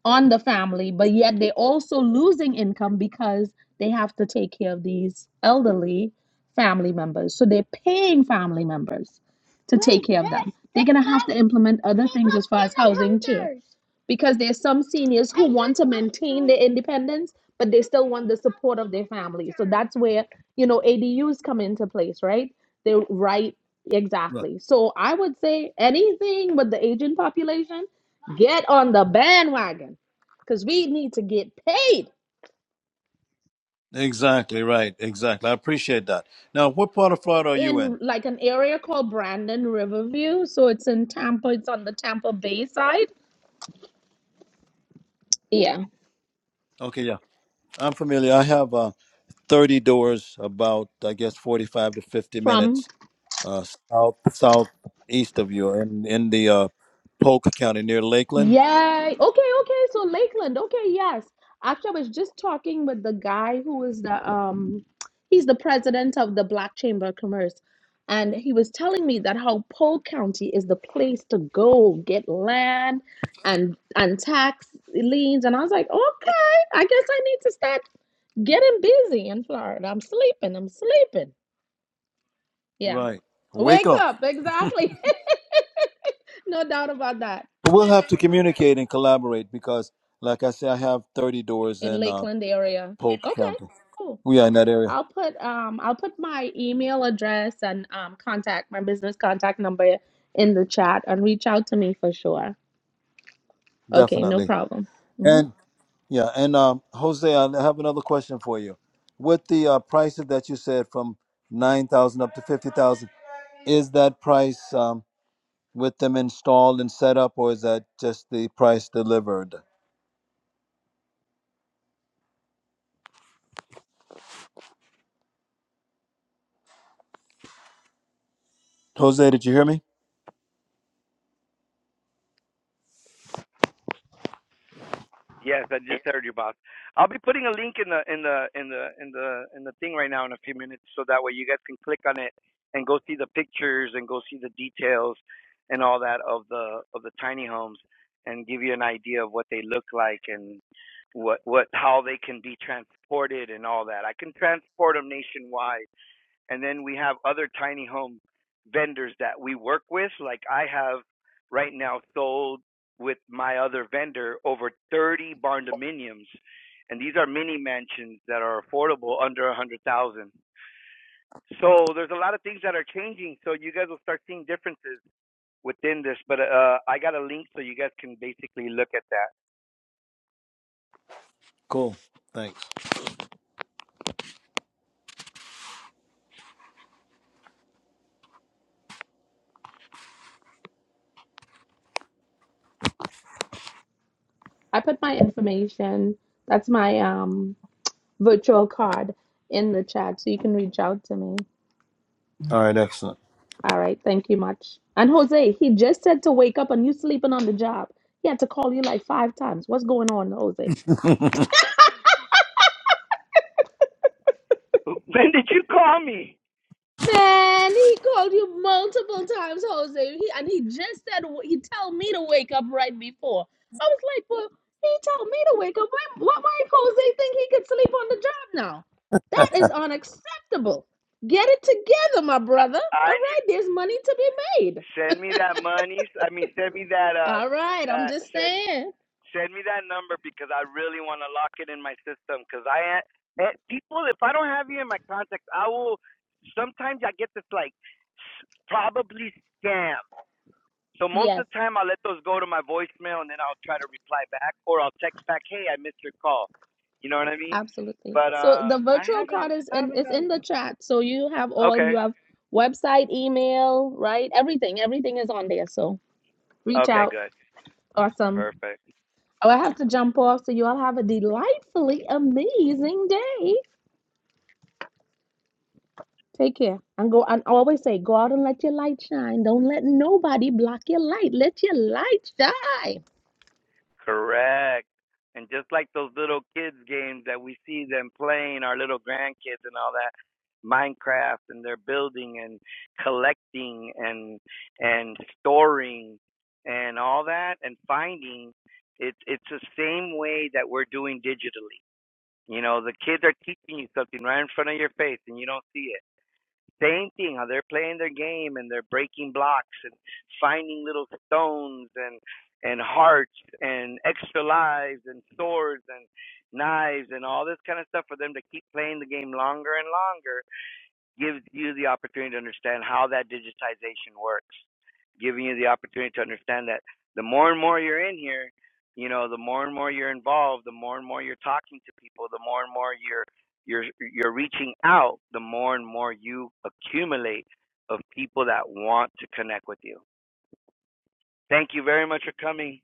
[SPEAKER 4] on the family, but yet they're also losing income because they have to take care of these elderly family members. So they're paying family members to take care of them. They're gonna have to implement other things as far as housing too. Because there's some seniors who want to maintain their independence, but they still want the support of their family. So that's where, you know, ADUs come into place, right? They right
[SPEAKER 5] Right.
[SPEAKER 4] exactly. So I would say anything with the aging population Get on the bandwagon because we need to get paid
[SPEAKER 5] Exactly. Right. Exactly. I appreciate that. Now, what part of Florida are you in?
[SPEAKER 4] in like an area called Brandon Riverview. So it's in Tampa, it's on the Tampa Bay side. Yeah.
[SPEAKER 5] Okay. Yeah. I'm familiar. I have uh, 30 doors, about I guess 45 to 50
[SPEAKER 4] From
[SPEAKER 5] minutes uh, south southeast of you, in in the uh, Polk County near Lakeland.
[SPEAKER 4] Yeah. Okay, okay. So Lakeland. Okay, yes. Actually, I was just talking with the guy who is the um he's the president of the Black Chamber of Commerce. And he was telling me that how Polk County is the place to go get land and and tax liens. And I was like, okay, I guess I need to start getting busy in Florida. I'm sleeping. I'm sleeping. Yeah.
[SPEAKER 5] Right.
[SPEAKER 4] Wake
[SPEAKER 5] Waco.
[SPEAKER 4] up. Exactly. No doubt about that.
[SPEAKER 5] we'll have to communicate and collaborate because, like I say, I have 30 doors
[SPEAKER 4] In
[SPEAKER 5] in uh,
[SPEAKER 4] Lakeland area.
[SPEAKER 5] Polk
[SPEAKER 4] Okay,
[SPEAKER 5] County.
[SPEAKER 4] cool.
[SPEAKER 5] We are in that area,
[SPEAKER 4] I'll put um I'll put my email address and um contact my business contact number in the chat and reach out to me for sure. Okay, no
[SPEAKER 5] definitely.
[SPEAKER 4] problem. hmm
[SPEAKER 5] And yeah, and um, Jose, I have another question for you. With the uh, prices that you said from 9,000 up to 50,000, is that price um, with them installed and set up, or is that just the price delivered? Jose, did you hear me?
[SPEAKER 1] Yes, I just heard you, boss. I'll be putting a link in the in the in the in the in the thing right now in a few minutes, so that way you guys can click on it and go see the pictures and go see the details and all that of the of the tiny homes and give you an idea of what they look like and what what how they can be transported and all that. I can transport them nationwide and then we have other tiny home vendors that we work with. Like I have right now sold with my other vendor over 30 barn dominiums. And these are mini mansions that are affordable under 100,000. So there's a lot of things that are changing. So you guys will start seeing differences within this. But uh, I got a link so you guys can basically look at that.
[SPEAKER 5] Cool. Thanks.
[SPEAKER 4] I put my information. That's my um virtual card in the chat, so you can reach out to me.
[SPEAKER 5] All right, excellent.
[SPEAKER 4] All right, thank you much. And Jose, he just said to wake up, and you sleeping on the job. He had to call you like five times. What's going on, Jose?
[SPEAKER 1] When did you call me?
[SPEAKER 4] Man, he called you multiple times, Jose. He, and he just said w- he tell me to wake up right before. I was like, well, he told me to wake up. Why, why, why Jose think he could sleep on the job now? That is unacceptable. Get it together, my
[SPEAKER 1] I,
[SPEAKER 4] brother.
[SPEAKER 1] I
[SPEAKER 4] All right,
[SPEAKER 1] need,
[SPEAKER 4] there's money to be made.
[SPEAKER 1] send me that money. I mean, send me that uh,
[SPEAKER 4] All right, I'm
[SPEAKER 1] that
[SPEAKER 4] just
[SPEAKER 1] send
[SPEAKER 4] saying.
[SPEAKER 1] Send me that number because I really want to lock it in my system. Because I, and people, if I don't have you in my contacts, I will. Sometimes I get this like s- probably scam. So most
[SPEAKER 4] Yes,
[SPEAKER 1] of the time I let those go to my voicemail and then I'll try to reply back or I'll text back, hey, I missed your call. You know what I mean?
[SPEAKER 4] absolutely.
[SPEAKER 1] But
[SPEAKER 4] So
[SPEAKER 1] um,
[SPEAKER 4] the
[SPEAKER 1] I
[SPEAKER 4] virtual
[SPEAKER 1] haven't,
[SPEAKER 4] card is
[SPEAKER 1] I
[SPEAKER 4] in
[SPEAKER 1] haven't
[SPEAKER 4] is
[SPEAKER 1] gotten
[SPEAKER 4] in the
[SPEAKER 1] anything.
[SPEAKER 4] chat. So you have all you
[SPEAKER 1] Okay.
[SPEAKER 4] have website, email, right? Everything, everything is on there. So. Reach
[SPEAKER 1] Okay.
[SPEAKER 4] out.
[SPEAKER 1] Good.
[SPEAKER 4] Awesome.
[SPEAKER 1] Perfect.
[SPEAKER 4] Oh, I have to jump off. So you all have a delightfully amazing day. Take care. And go and always say, go out and let your light shine. Don't let nobody block your light. Let your light shine.
[SPEAKER 1] Correct. And just like those little kids games that we see them playing, our little grandkids and all that, Minecraft and they're building and collecting and and storing and all that and finding it's it's the same way that we're doing digitally. You know, the kids are teaching you something right in front of your face and you don't see it painting how they're playing their game and they're breaking blocks and finding little stones and and hearts and extra lives and swords and knives and all this kind of stuff for them to keep playing the game longer and longer gives you the opportunity to understand how that digitization works, giving you the opportunity to understand that the more and more you're in here, you know, the more and more you're involved, the more and more you're talking to people, the more and more you're you're you're reaching out, the more and more you accumulate of people that want to connect with you. Thank you very much for coming.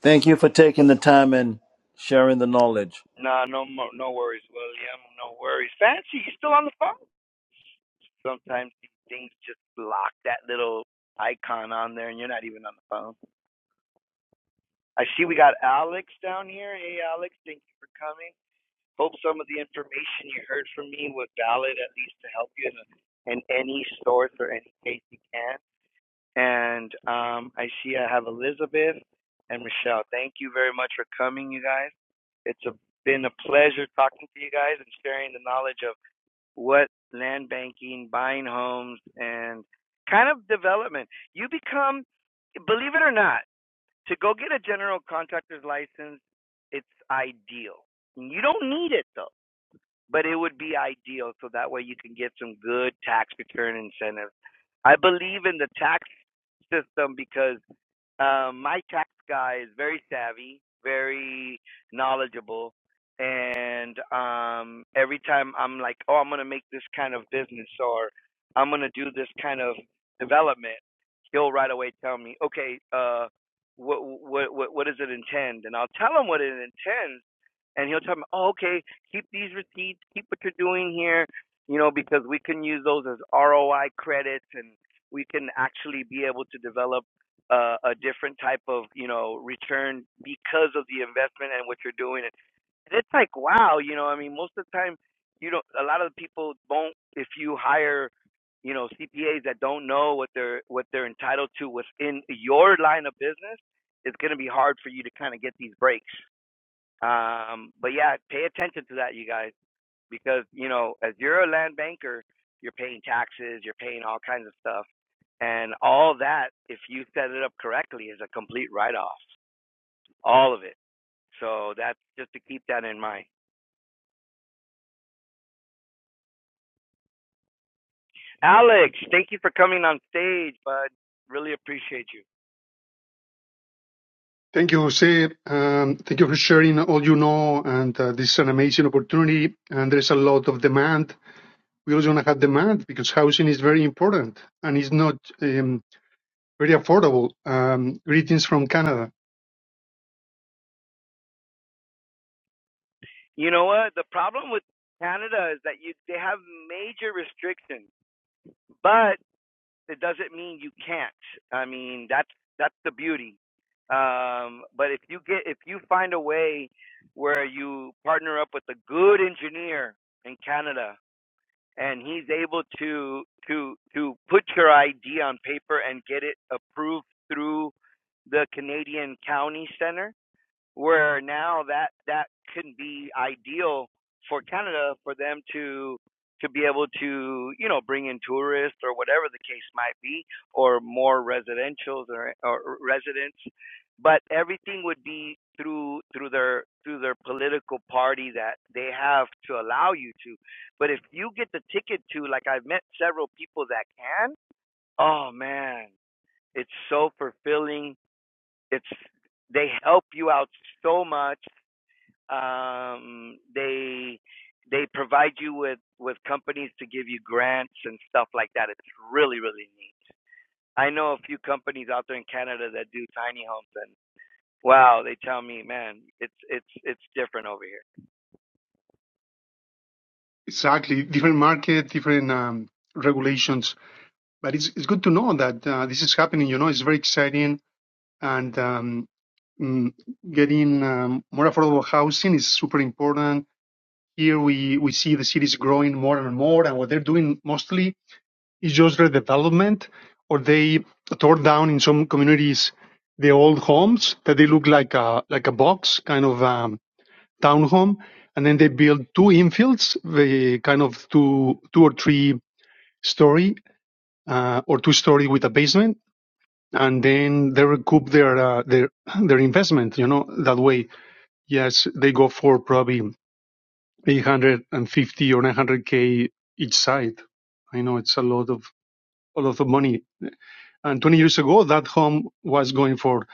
[SPEAKER 5] Thank you for taking the time and sharing the knowledge.
[SPEAKER 1] Nah, no, mo- no worries, William. No worries. Fancy, you still on the phone? Sometimes these things just block that little icon on there, and you're not even on the phone. I see we got Alex down here. Hey, Alex, thank you for coming. Hope some of the information you heard from me was valid, at least to help you in, in any source or any case you can. And um, I see I have Elizabeth and Michelle. Thank you very much for coming, you guys. It's a, been a pleasure talking to you guys and sharing the knowledge of what land banking, buying homes, and kind of development. You become, believe it or not, to go get a general contractor's license, it's ideal. You don't need it though, but it would be ideal so that way you can get some good tax return incentives. I believe in the tax system because um, my tax guy is very savvy, very knowledgeable, and um, every time I'm like, "Oh, I'm gonna make this kind of business," or "I'm gonna do this kind of development," he'll right away tell me, "Okay, uh, what what what what does it intend?" And I'll tell him what it intends, and he'll tell me, "Oh, okay, keep these receipts, keep what you're doing here." You know, because we can use those as ROI credits, and we can actually be able to develop uh, a different type of you know return because of the investment and what you're doing and it's like wow you know i mean most of the time you don't a lot of the people don't if you hire you know cpas that don't know what they're what they're entitled to within your line of business it's going to be hard for you to kind of get these breaks um but yeah pay attention to that you guys because you know as you're a land banker you're paying taxes you're paying all kinds of stuff and all that if you set it up correctly is a complete write off all of it so that's just to keep that in mind alex thank you for coming on stage bud really appreciate you
[SPEAKER 6] Thank you, Jose. Um, thank you for sharing all you know. And uh, this is an amazing opportunity. And there's a lot of demand. We're also going to have demand because housing is very important and it's not um, very affordable. Um, greetings from Canada.
[SPEAKER 1] you know what the problem with canada is that you they have major restrictions but. it doesn't mean you can't. I mean, that's that's the beauty. Um, but if you get if you find a way where you partner up with a good engineer in Canada and he's able to to to put your idea on paper and get it approved through the Canadian County Center, where now that that can be ideal for Canada for them to to be able to you know bring in tourists or whatever the case might be or more residentials or, or residents but everything would be through through their through their political party that they have to allow you to but if you get the ticket to like I've met several people that can oh man it's so fulfilling it's they help you out so much um they they provide you with with companies to give you grants and stuff like that it's really really neat i know a few companies out there in canada that do tiny homes and wow they tell me man it's it's it's different over here
[SPEAKER 6] Exactly. Different market, different um, regulations. But it's, it's good to know that uh, this is happening. You know, it's very exciting. And um, mm, getting um, more affordable housing is super important Here we, we see the cities growing more and more, and what they're doing mostly is just redevelopment, or they tore down in some communities the old homes that they look like a like a box kind of um, townhome, and then they build two infills, the kind of two two or three story uh, or two story with a basement, and then they recoup their uh, their their investment. You know that way. Yes, they go for probably. 850 or 900k each side. I know it's a lot of a lot of money. And 20 years ago, that home was going for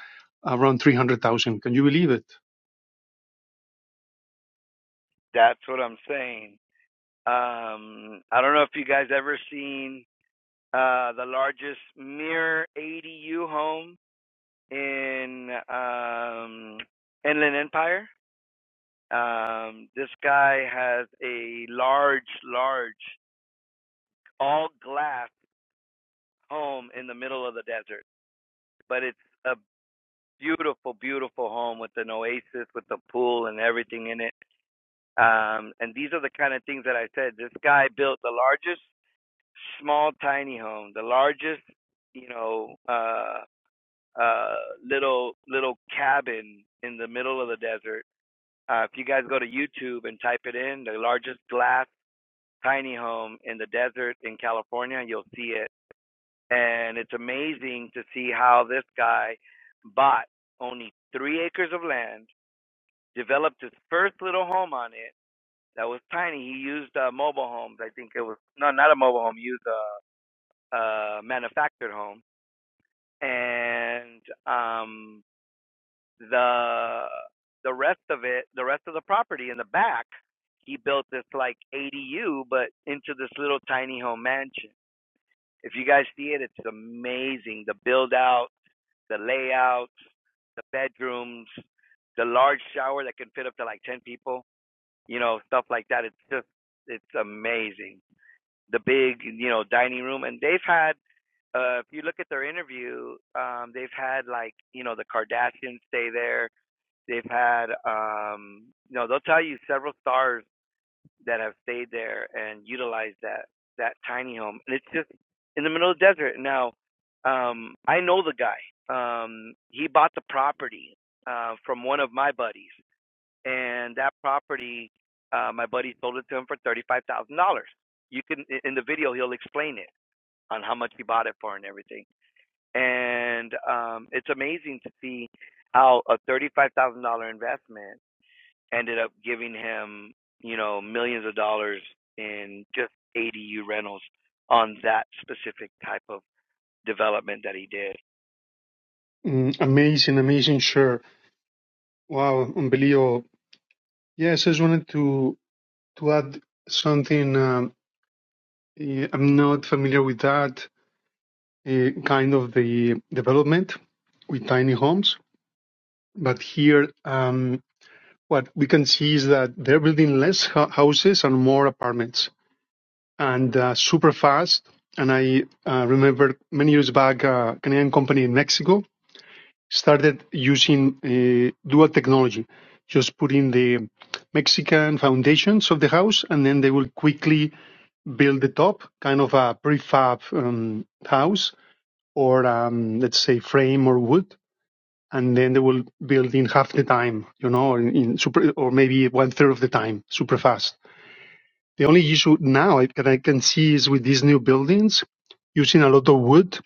[SPEAKER 6] around 300,000. Can you believe it?
[SPEAKER 1] that's what i'm saying um i don't know if you guys ever seen uh the largest mere adu home in um inland empire Um, this guy has a large, large, all glass home in the middle of the desert, but it's a beautiful, beautiful home with an oasis, with a pool and everything in it. Um, and these are the kind of things that I said. This guy built the largest small tiny home, the largest, you know, uh, uh, little little cabin in the middle of the desert. Uh, if you guys go to YouTube and type it in, the largest glass tiny home in the desert in California. You'll see it. And it's amazing to see how this guy bought only three acres of land, developed his first little home on it that was tiny. He used uh, mobile homes. I think it was, no, not a mobile home, he used a, a manufactured home. And um, the the rest of it, the rest of the property in the back, he built this like ADU, but into this little tiny home mansion If you guys see it, it's amazing. The build out, the layouts, the bedrooms, the large shower that can fit up to like 10 people, you know, stuff like that. It's just, it's amazing. The big, you know, dining room. And they've had, uh, if you look at their interview, um, they've had like, you know, the Kardashians stay there. They've had, um, you know, they'll tell you several stars that have stayed there and utilized that that tiny home. And it's just in the middle of the desert. Now, um, I know the guy. Um, he bought the property uh, from one of my buddies, and that property, uh, my buddy sold it to him for thirty-five thousand dollars. You can in the video he'll explain it on how much he bought it for and everything. And um, it's amazing to see how a thirty-five thousand dollar investment ended up giving him, you know, millions of dollars in just ADU rentals on that specific type of development that he did.
[SPEAKER 6] Mm, amazing, amazing. Sure. Wow, unbelievable. Yes, I just wanted to to add something. Um, eh, I'm not familiar with that. uh, kind of the development with tiny homes. But here, um, what we can see is that they're building less hou- houses and more apartments, and uh, super fast. And I uh, remember many years back, a Canadian company in Mexico started using uh, dual technology, just putting the Mexican foundations of the house, and then they will quickly build the top, kind of a prefab um, house or um, let's say frame or wood and then they will build in half the time, you know, or in, in super, or maybe one third of the time, super fast. The only issue now I- that I can see is with these new buildings, using a lot of wood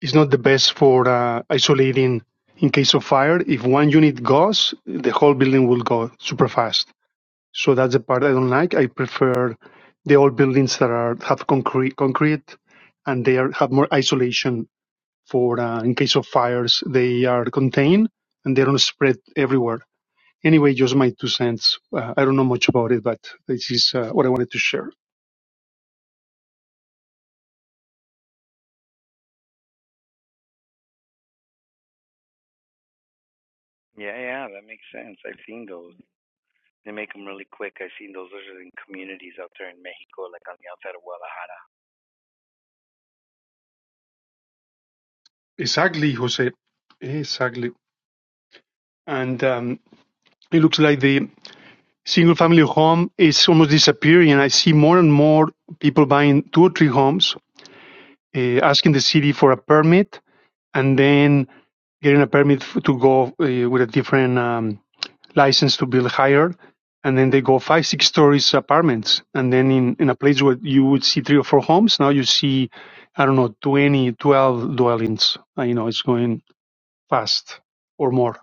[SPEAKER 6] is not the best for uh, isolating in case of fire. If one unit goes, the whole building will go super fast. So that's the part I don't like. I prefer the old buildings that are have concrete, concrete, and they are, have more isolation for uh, in case of fires they are contained and they don't spread everywhere. Anyway, just my two cents. Uh, I don't know much about it, but this is uh, what I wanted to share.
[SPEAKER 1] Yeah, yeah, that makes sense. I've seen those. They make them really quick. I've seen those. Those are in communities out there in Mexico, like on the outside of Guadalajara.
[SPEAKER 6] Exactly, Jose. Exactly. And um, it looks like the single family home is almost disappearing. I see more and more people buying two or three homes, uh, asking the city for a permit, and then getting a permit f- to go uh, with a different. um, license to build higher and then they go five six stories apartments and then in, in a place where you would see three or four homes now you see i don't know 20, 12 dwellings Uh, you know it's going fast or more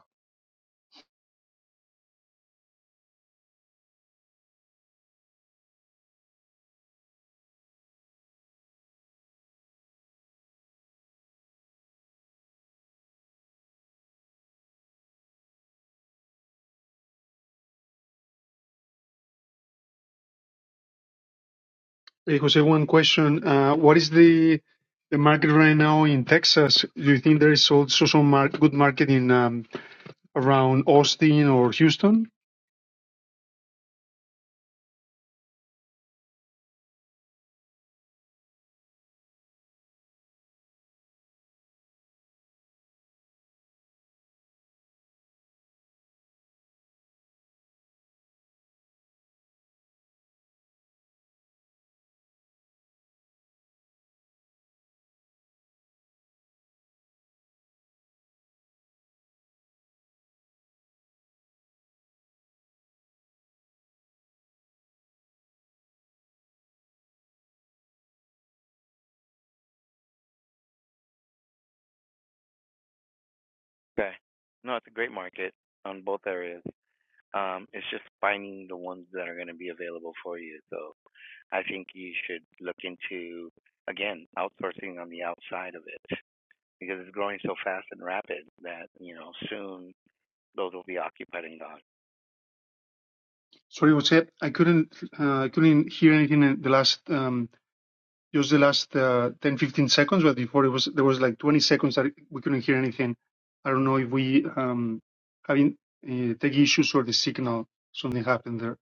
[SPEAKER 6] hey, jose one question uh, what is the the market right now in texas do you think there is also some mar- good market in um, around austin or houston
[SPEAKER 1] Okay. No, it's a great market on both areas. Um, it's just finding the ones that are going to be available for you. So I think you should look into, again, outsourcing on the outside of it. because it's growing so fast and rapid that you know soon those will be occupied and gone.
[SPEAKER 6] sorry jose i couldn't uh, i couldn't hear anything in the last um, just the last uh, 10, 15 seconds, but before it was there was like twenty seconds that we couldn't hear anything. I don't know if we um, having uh, tech issues or the signal something happened there.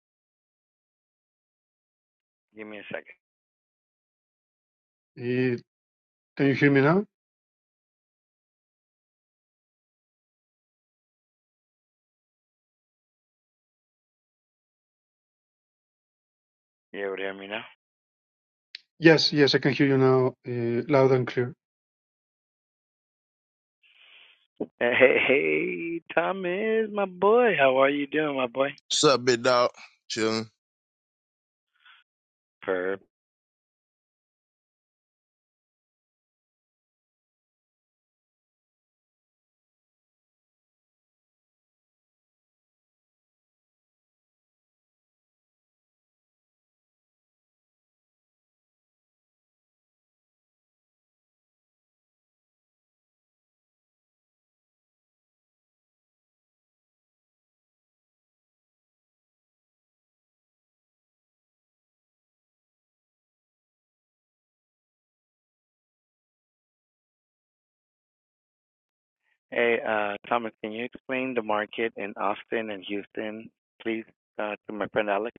[SPEAKER 1] Give me a second.
[SPEAKER 6] Uh, can you hear me now?
[SPEAKER 1] You able to hear me now?
[SPEAKER 6] Yes, yes, I can hear you now, uh, loud and clear.
[SPEAKER 1] Hey, hey, Thomas, my boy. How are you doing, my boy?
[SPEAKER 7] What's up, big dog? Chilling.
[SPEAKER 1] Perp. Hey, uh, Thomas, can you explain the market in Austin and Houston, please, uh, to my friend Alex?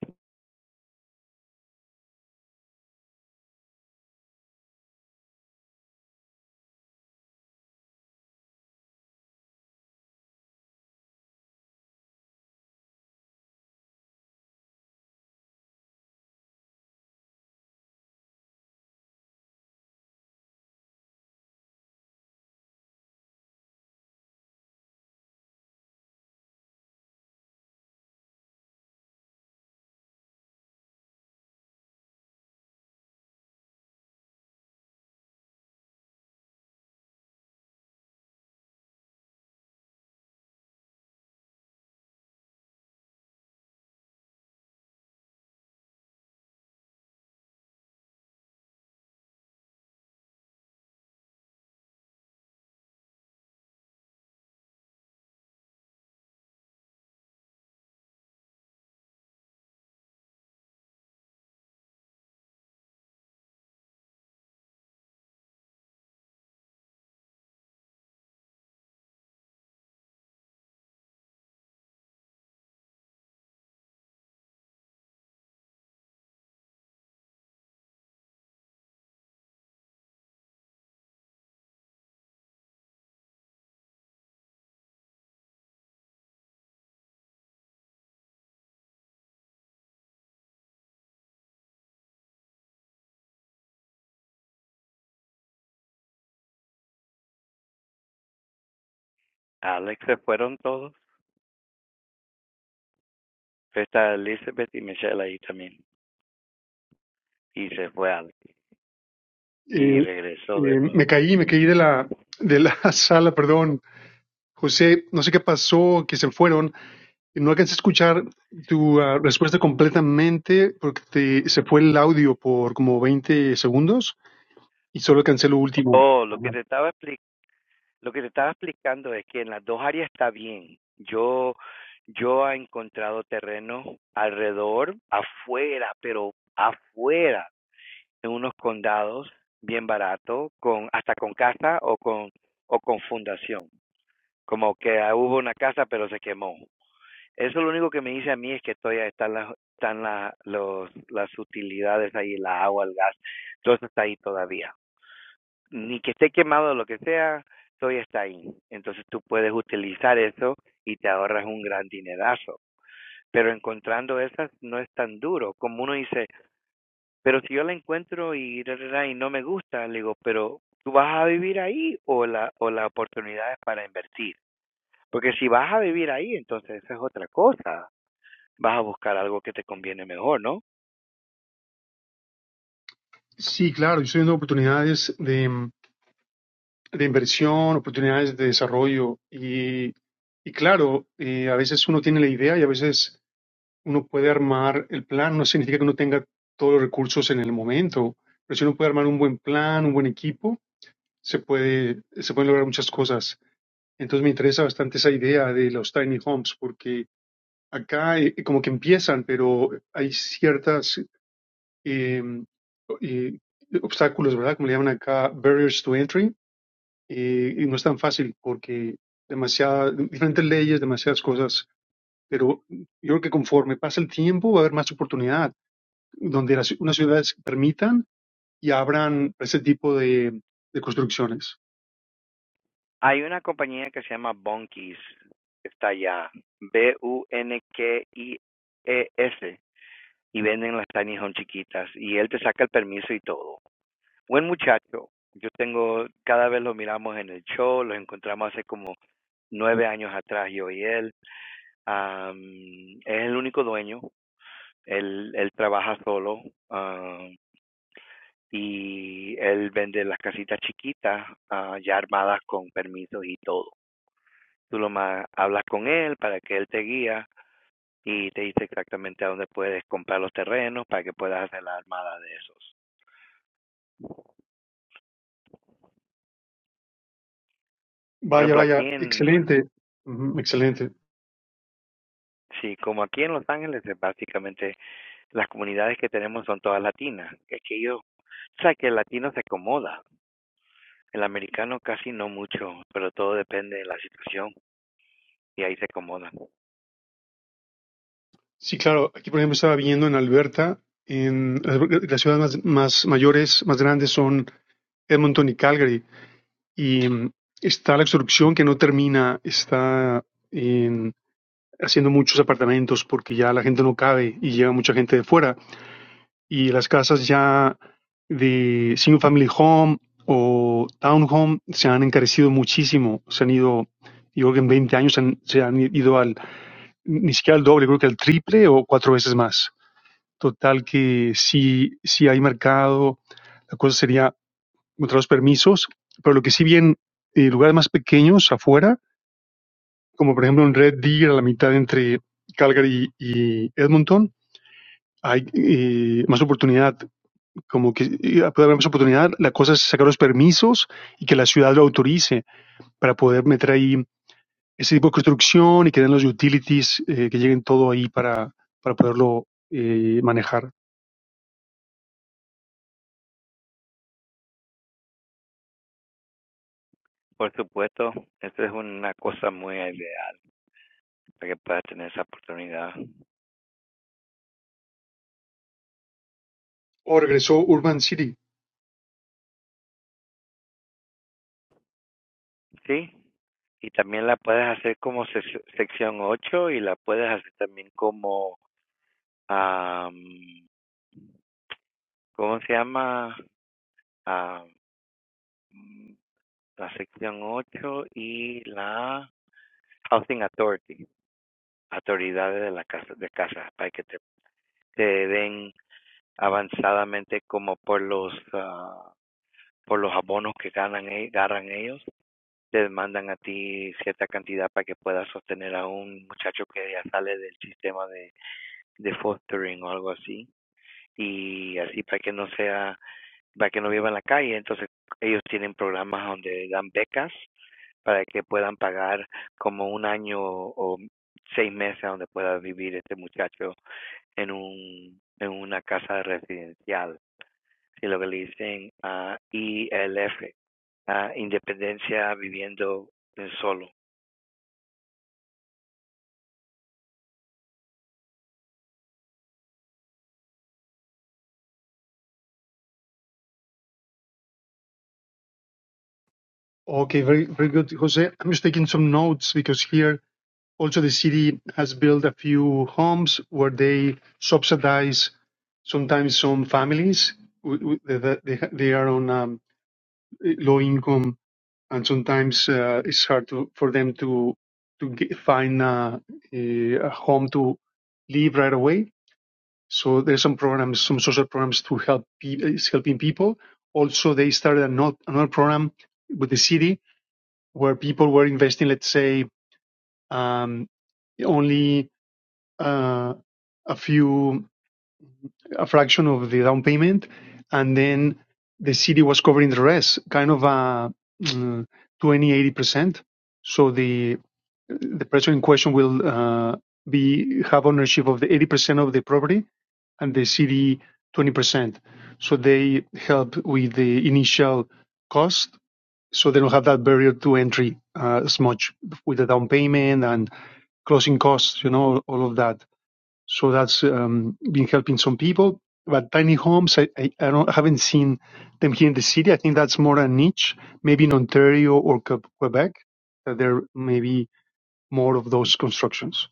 [SPEAKER 1] Alex se fueron todos. Está Elizabeth y Michelle ahí también. Y se fue Alex.
[SPEAKER 6] Eh,
[SPEAKER 1] Y regresó de
[SPEAKER 6] eh,
[SPEAKER 1] nuevo.
[SPEAKER 6] me caí, me caí de la de la sala, perdón. José, no sé qué pasó, que se fueron. No alcancé a escuchar tu ah, respuesta completamente porque te- se fue el audio por como 20 segundos. Y solo alcancé lo último.
[SPEAKER 1] Oh, lo que
[SPEAKER 6] Ajá.
[SPEAKER 1] te estaba explicando. Lo que te estaba explicando es que en las dos áreas está bien. Yo, yo he encontrado terreno alrededor, afuera, pero afuera, en unos condados bien baratos, con, hasta con casa o con, o con fundación. Como que hubo una casa pero se quemó. Eso lo único que me dice a mí es que todavía están las, están la- los, las utilidades ahí, la agua, el gas, todo eso está ahí todavía ni que esté quemado lo que sea, todavía está ahí. Entonces tú puedes utilizar eso y te ahorras un gran dinerazo. Pero encontrando esas no es tan duro. Como uno dice, pero si yo la encuentro y, y no me gusta, le digo, pero tú vas a vivir ahí o la, o la oportunidad es para invertir. Porque si vas a vivir ahí, entonces esa es otra cosa. Vas a buscar algo que te conviene mejor, ¿no?
[SPEAKER 6] Sí, claro, yo estoy viendo oportunidades de, de inversión, oportunidades de desarrollo. Y, y claro, eh, a veces uno tiene la idea y a veces uno puede armar el plan. No significa que uno tenga todos los recursos en el momento, pero si uno puede armar un buen plan, un buen equipo, se puede, se pueden lograr muchas cosas. Entonces me interesa bastante esa idea de los tiny homes, porque acá eh, como que empiezan, pero hay ciertas eh, eh, obstáculos, ¿verdad? Como le llaman acá, barriers to entry, eh, y no es tan fácil porque demasiadas, diferentes leyes, demasiadas cosas, pero yo creo que conforme pasa el tiempo va a haber más oportunidad, donde las, unas ciudades permitan y abran ese tipo de, de construcciones.
[SPEAKER 1] Hay una compañía que se llama Bunkies, está allá, B-U-N-K-I-E-S y venden las tiny home chiquitas y él te saca el permiso y todo. Buen muchacho. Yo tengo, cada vez lo miramos en el show, los encontramos hace como nueve años atrás yo y él. Am, es el único dueño, él, él trabaja solo am, y él vende las casitas chiquitas ah, ya armadas con permisos y todo. Tú lo más hablas con él para que él te guía y te dice exactamente a dónde puedes comprar los terrenos para que puedas hacer la armada de esos. Por
[SPEAKER 6] Vaya,
[SPEAKER 1] ejemplo, aquí
[SPEAKER 6] vaya,
[SPEAKER 1] en,
[SPEAKER 6] excelente, Ujú, excelente.
[SPEAKER 1] sí, como aquí en Los Ángeles, eh, básicamente las comunidades que tenemos son todas latinas. Que aquello, o sea, que el latino se acomoda. El americano casi no mucho, pero todo depende de la situación y ahí se acomoda.
[SPEAKER 6] Sí, claro, aquí por ejemplo estaba viendo en Alberta, en las, las ciudades más, más mayores, más grandes son Edmonton y Calgary, Y mm, está la construcción que no termina, está en- haciendo muchos apartamentos porque ya la gente no cabe y llega mucha gente de fuera. Y las casas ya de single family home o townhome se han encarecido muchísimo. Se han ido, yo creo que en 20 años han- se han ido al, ni siquiera al doble, creo que al triple o cuatro veces más. Total que si, si hay mercado, la cosa sería contra los permisos, pero lo que sí vi en eh, lugares más pequeños afuera, como por ejemplo en Red Deer, a la mitad entre Calgary y Edmonton, hay eh, más oportunidad, como que eh, puede haber más oportunidad, la cosa es sacar los permisos y que la ciudad lo autorice para poder meter ahí ese tipo de construcción y que den los utilities, eh, que lleguen todo ahí para, para poderlo eh, manejar.
[SPEAKER 1] Por supuesto, esto es una cosa muy ideal para que puedas tener esa oportunidad.
[SPEAKER 6] Oh, regresó Urban City.
[SPEAKER 1] Sí, y también la puedes hacer como sec- sección ocho y la puedes hacer también como, am, ¿cómo se llama? Am, La sección ocho y la Housing Authority, autoridades de la casa, de casas, para que te, te den avanzadamente como por los ah, por los abonos que ganan, e- ganan ellos, te mandan a ti cierta cantidad para que puedas sostener a un muchacho que ya sale del sistema de, de fostering o algo así y así para que no sea para que no viva en la calle entonces ellos tienen programas donde dan becas para que puedan pagar como un año o seis meses donde pueda vivir este muchacho en un en una casa residencial, si lo que le dicen a ILF, a Independencia Viviendo Solo.
[SPEAKER 6] Okay, very, very good, Jose. I'm just taking some notes because here Also, the city has built a few homes where they subsidize sometimes some families. w- w- They they they are on um, low income, and sometimes uh, it's hard to, for them to to get, find uh, a, a home to live right away. So there's some programs, some social programs to help pe- is helping people. Also, they started another, another program with the city where people were investing, let's say, um, only uh, a few a fraction of the down payment, and then the city was covering the rest, kind of a uh, 20 percent percent So the the person in question will uh, be have ownership of the 80% of the property and the city 20%. So they help with the initial cost, so they don't have that barrier to entry uh, as much with the down payment and closing costs, you know, all of that. So that's um, been helping some people. But tiny homes, I, I, I don't haven't seen them here in the city. I think that's more a niche, maybe in Ontario or Quebec, that there may be more of those constructions.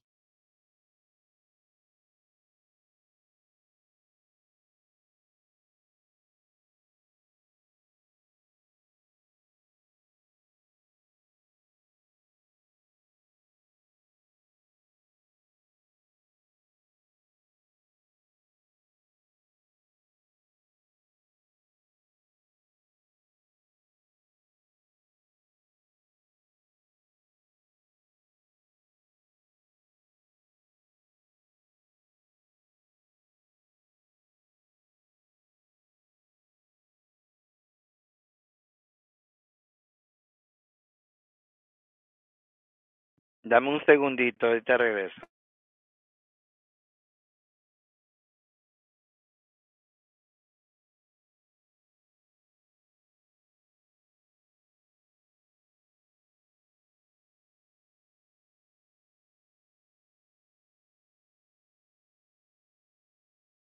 [SPEAKER 1] Dame un segundito, ahorita regreso.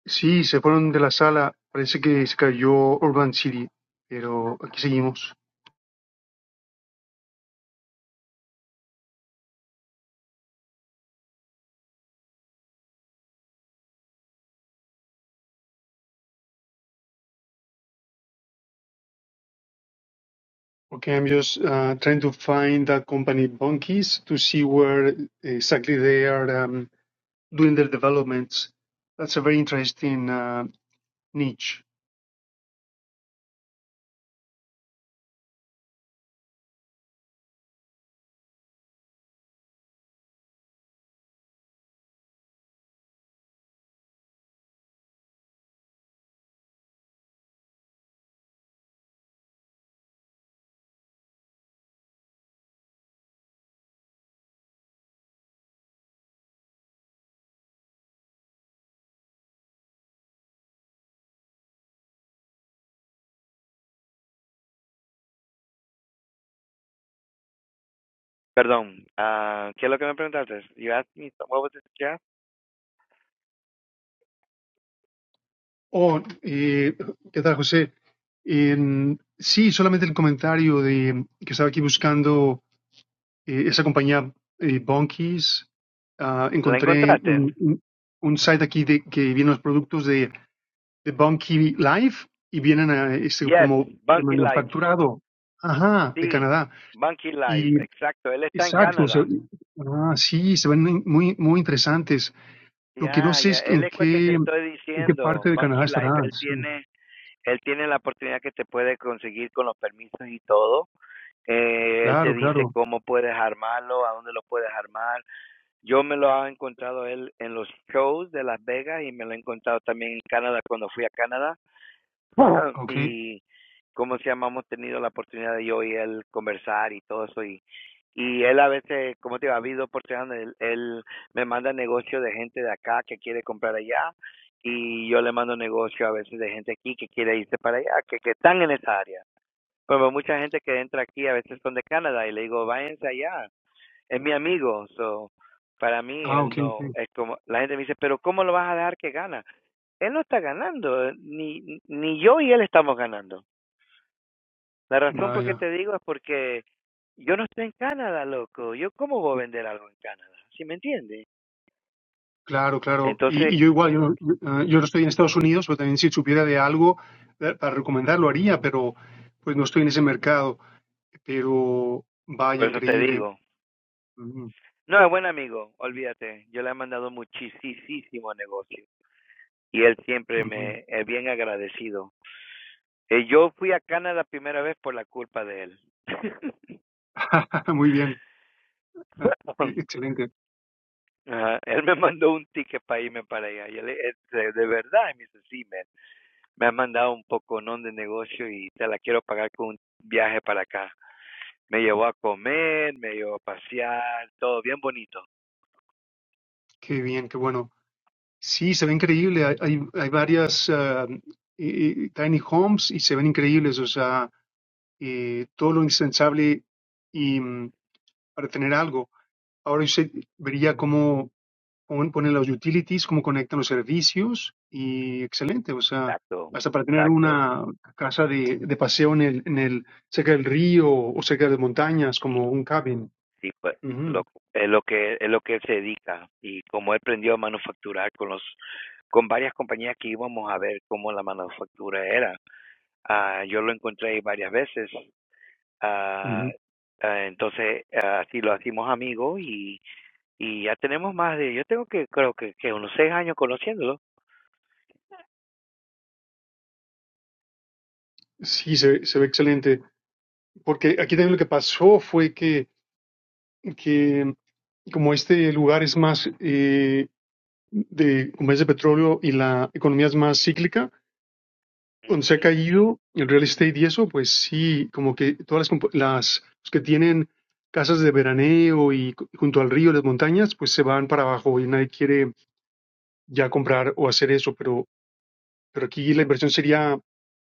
[SPEAKER 6] Sí, se fueron de la sala. Parece que se cayó Urban City, pero aquí seguimos. Okay, I'm just uh, trying to find that company Bunkies to see where exactly they are um, doing their developments. That's a very interesting uh, niche.
[SPEAKER 1] Perdón, ah, ¿qué es lo que me preguntaste? You asked me, what was it that
[SPEAKER 6] Oh, eh, ¿qué tal, José? En- sí, solamente el comentario de que estaba aquí buscando eh, esa compañía eh, Bonkies. Ah,
[SPEAKER 1] ¿La
[SPEAKER 6] encontré
[SPEAKER 1] encontraste?
[SPEAKER 6] un, un- un site aquí de, que vienen los productos de, de Bunky Life y vienen a, este,
[SPEAKER 1] Yes,
[SPEAKER 6] como
[SPEAKER 1] Bunky Life.
[SPEAKER 6] premanufacturado. Ajá, de
[SPEAKER 1] Sí,
[SPEAKER 6] Canadá.
[SPEAKER 1] Bunky Life,
[SPEAKER 6] Y
[SPEAKER 1] exacto. Él está en
[SPEAKER 6] exacto, o sea,
[SPEAKER 1] Canadá.
[SPEAKER 6] ah, sí, se ven muy, muy interesantes. Lo que no
[SPEAKER 1] Ya,
[SPEAKER 6] sé
[SPEAKER 1] ya,
[SPEAKER 6] es
[SPEAKER 1] él
[SPEAKER 6] en
[SPEAKER 1] es cual que
[SPEAKER 6] qué,
[SPEAKER 1] te estoy
[SPEAKER 6] en qué
[SPEAKER 1] diciendo,
[SPEAKER 6] parte de Canadá
[SPEAKER 1] Bunky Life,
[SPEAKER 6] estarán.
[SPEAKER 1] él
[SPEAKER 6] Sí,
[SPEAKER 1] tiene, él tiene la oportunidad que te puede conseguir con los permisos y todo. Eh, él
[SPEAKER 6] claro,
[SPEAKER 1] te
[SPEAKER 6] claro.
[SPEAKER 1] dice cómo puedes armarlo, a dónde lo puedes armar. Yo me lo he encontrado él en los shows de Las Vegas y me lo he encontrado también en Canadá cuando fui a Canadá.
[SPEAKER 6] Ok,
[SPEAKER 1] y cómo se llama, hemos tenido la oportunidad de yo y él conversar y todo eso y y él a veces, como te digo, ha habido oportunidades donde él, él me manda negocio de gente de acá que quiere comprar allá y yo le mando negocio a veces de gente aquí que quiere irse para allá, que, que están en esa área. Pero mucha gente que entra aquí a veces son de Canadá y le digo, váyanse allá, es mi amigo, so, para mí
[SPEAKER 6] ah,
[SPEAKER 1] él
[SPEAKER 6] ok,
[SPEAKER 1] no,
[SPEAKER 6] ok,
[SPEAKER 1] es como, la gente me dice, pero ¿cómo lo vas a dejar que gana? él no está ganando, ni, ni yo y él estamos ganando. La razón por qué
[SPEAKER 6] vaya,
[SPEAKER 1] te digo es porque yo no estoy en Canadá, loco. Yo, ¿cómo voy a vender algo en Canadá? ¿Sí me entiendes?
[SPEAKER 6] claro, claro.
[SPEAKER 1] Entonces,
[SPEAKER 6] Y, y yo igual, yo, no eh, yo no estoy en Estados Unidos, pero también si supiera de algo eh, para recomendar lo haría, pero pues no estoy en ese mercado. Pero vaya,
[SPEAKER 1] por eso te
[SPEAKER 6] increíble.
[SPEAKER 1] digo.
[SPEAKER 6] Ujú,
[SPEAKER 1] No, es buen amigo, olvídate. Yo le he mandado muchísimo negocio y él siempre
[SPEAKER 6] ujú.
[SPEAKER 1] me es bien agradecido. Eh, yo fui a Canadá primera vez por la culpa de él.
[SPEAKER 6] Muy bien, Ah, e- excelente,
[SPEAKER 1] Ajá, él me mandó un ticket para irme para allá. Y él, él, de verdad, me dice, sí, man, me han mandado un poconón de negocio y te la quiero pagar con un viaje para acá. Me llevó a comer, me llevó a pasear, todo bien bonito.
[SPEAKER 6] qué bien, qué bueno. Sí, se ve increíble, hay, hay, hay varias ah, y- y tiny homes y se ven increíbles, o sea, eh, todo lo indispensable y, mm, para tener algo. Ahora yo sé- vería cómo cómo poner los utilities, cómo conectan los servicios y excelente, o sea,
[SPEAKER 1] Exacto,
[SPEAKER 6] hasta para tener
[SPEAKER 1] exacto.
[SPEAKER 6] una casa de, de paseo en el, en el, cerca del río o cerca de las montañas,
[SPEAKER 1] Sí,
[SPEAKER 6] como un cabin.
[SPEAKER 1] sí, pues lo,
[SPEAKER 6] Ujú,
[SPEAKER 1] es lo que es lo que él se dedica y como él aprendió a manufacturar con los con varias compañías que íbamos a ver cómo la manufactura era. Ah, yo lo encontré ahí varias veces. Ah,
[SPEAKER 6] ujú.
[SPEAKER 1] ah, entonces ah, así lo hacimos amigos y. Y ya tenemos más de, yo tengo que, creo que, que unos seis años conociéndolo.
[SPEAKER 6] Sí, se, se ve excelente, porque aquí también lo que pasó fue que, que como este lugar es más eh, de, como es de petróleo y la economía es más cíclica, Cuando se ha
[SPEAKER 1] Ujú.
[SPEAKER 6] caído el real estate y eso, pues sí, como que todas las, compa- las- los que tienen casas de veraneo y cu- junto al río, las montañas, pues se van para abajo y nadie quiere ya comprar o hacer eso, pero, pero aquí la inversión sería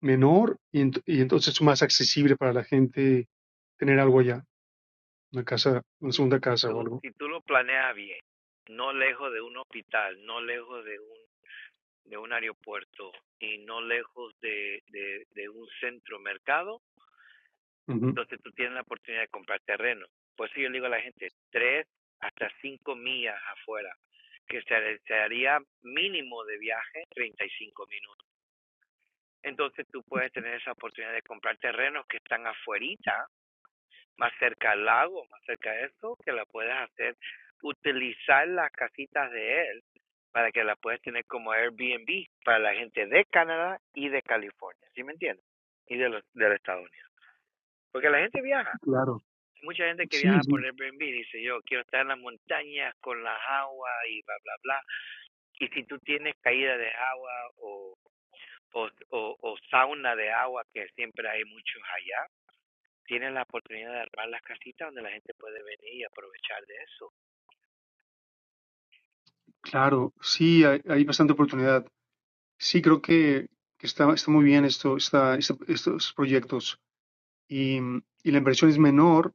[SPEAKER 6] menor y, ent- y entonces más accesible para la gente tener algo allá, una casa, una
[SPEAKER 1] Sí,
[SPEAKER 6] segunda
[SPEAKER 1] so, si
[SPEAKER 6] casa o
[SPEAKER 1] tú,
[SPEAKER 6] algo.
[SPEAKER 1] si tú lo planeas bien, no lejos de un hospital, no lejos de un, de un aeropuerto y no lejos de, de, de un centro mercado,
[SPEAKER 6] Ujú,
[SPEAKER 1] entonces tú tienes la oportunidad de comprar terreno. Por eso yo le digo a la gente, tres hasta cinco millas afuera, que se, se haría mínimo de viaje 35 minutos. Entonces tú puedes tener esa oportunidad de comprar terrenos que están afuerita más cerca al lago, más cerca de eso, que la puedas hacer, utilizar las casitas de él para que la puedas tener como Airbnb para la gente de Canadá y de California, ¿sí me entiendes? Y de los, de los Estados Unidos. Porque la gente viaja,
[SPEAKER 6] Claro,
[SPEAKER 1] mucha gente que
[SPEAKER 6] sí,
[SPEAKER 1] viaja por
[SPEAKER 6] sí,
[SPEAKER 1] Airbnb dice yo quiero estar en las montañas con las aguas y bla, bla, bla. Y si tú tienes caída de agua o, o, o, o sauna de agua, que siempre hay muchos allá, Tienen la oportunidad de armar las casitas donde la gente puede venir y aprovechar de eso.
[SPEAKER 6] claro, sí, hay, hay bastante oportunidad. Sí, creo que, que está, está muy bien esto, está, esta- estos proyectos. y, y la inversión es menor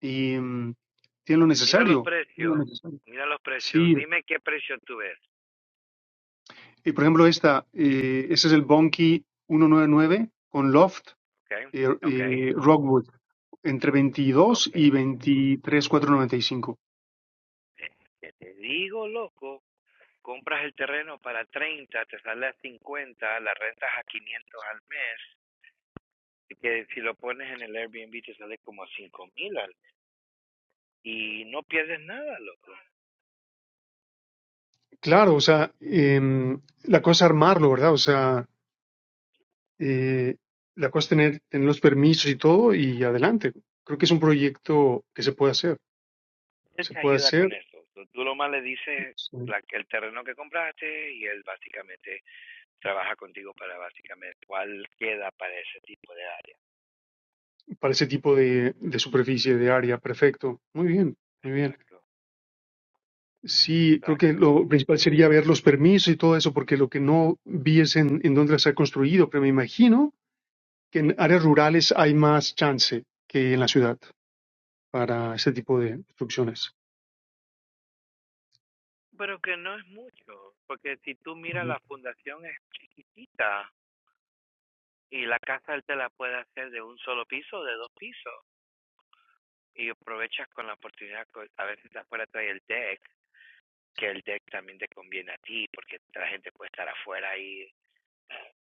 [SPEAKER 6] y mm, tiene lo
[SPEAKER 1] Mira los
[SPEAKER 6] necesario. Tiene lo
[SPEAKER 1] precios,
[SPEAKER 6] necesario.
[SPEAKER 1] mira los precios.
[SPEAKER 6] Sí,
[SPEAKER 1] Dime qué precio tú ves,
[SPEAKER 6] y por ejemplo esta, eh, este es el Bonky 199 con Loft
[SPEAKER 1] ¿ok? ¿Ok?
[SPEAKER 6] eh,
[SPEAKER 1] ok
[SPEAKER 6] eh, Rockwood entre
[SPEAKER 1] ok
[SPEAKER 6] veintidós y
[SPEAKER 1] ¿Ok?
[SPEAKER 6] 23,495
[SPEAKER 1] Que te digo, loco, compras el terreno para treinta, te sale a 50, la rentas a quinientos al mes, que si lo pones en el Airbnb te sale como a cinco mil al mes, y no pierdes nada, loco.
[SPEAKER 6] Claro, o sea, em, la cosa es armarlo, ¿verdad? O sea, eh, la cosa es tener, tener los permisos y todo y adelante. Creo que es un proyecto que se puede hacer.
[SPEAKER 1] Él
[SPEAKER 6] Se
[SPEAKER 1] te
[SPEAKER 6] puede
[SPEAKER 1] ayuda
[SPEAKER 6] hacer.
[SPEAKER 1] con eso. Tú, tú lo más le dices
[SPEAKER 6] sí.
[SPEAKER 1] la, el terreno que compraste y él básicamente trabaja contigo para básicamente cuál queda para ese tipo de área.
[SPEAKER 6] para ese tipo de, de superficie, de área. Perfecto. Muy bien, muy bien.
[SPEAKER 1] Exacto,
[SPEAKER 6] Sí, creo que
[SPEAKER 1] exacto.
[SPEAKER 6] lo principal sería ver los permisos y todo eso, porque lo que no vi es en, en dónde las ha construido, pero me imagino que en áreas rurales hay más chance que en la ciudad para ese tipo de construcciones.
[SPEAKER 1] Pero que no es mucho, porque si tú miras
[SPEAKER 6] Ujú.
[SPEAKER 1] la fundación es chiquitita y la casa él te la puede hacer de un solo piso o de dos pisos y aprovechas con la oportunidad, a veces afuera trae el deck, que el deck también te conviene a ti porque la gente puede estar afuera y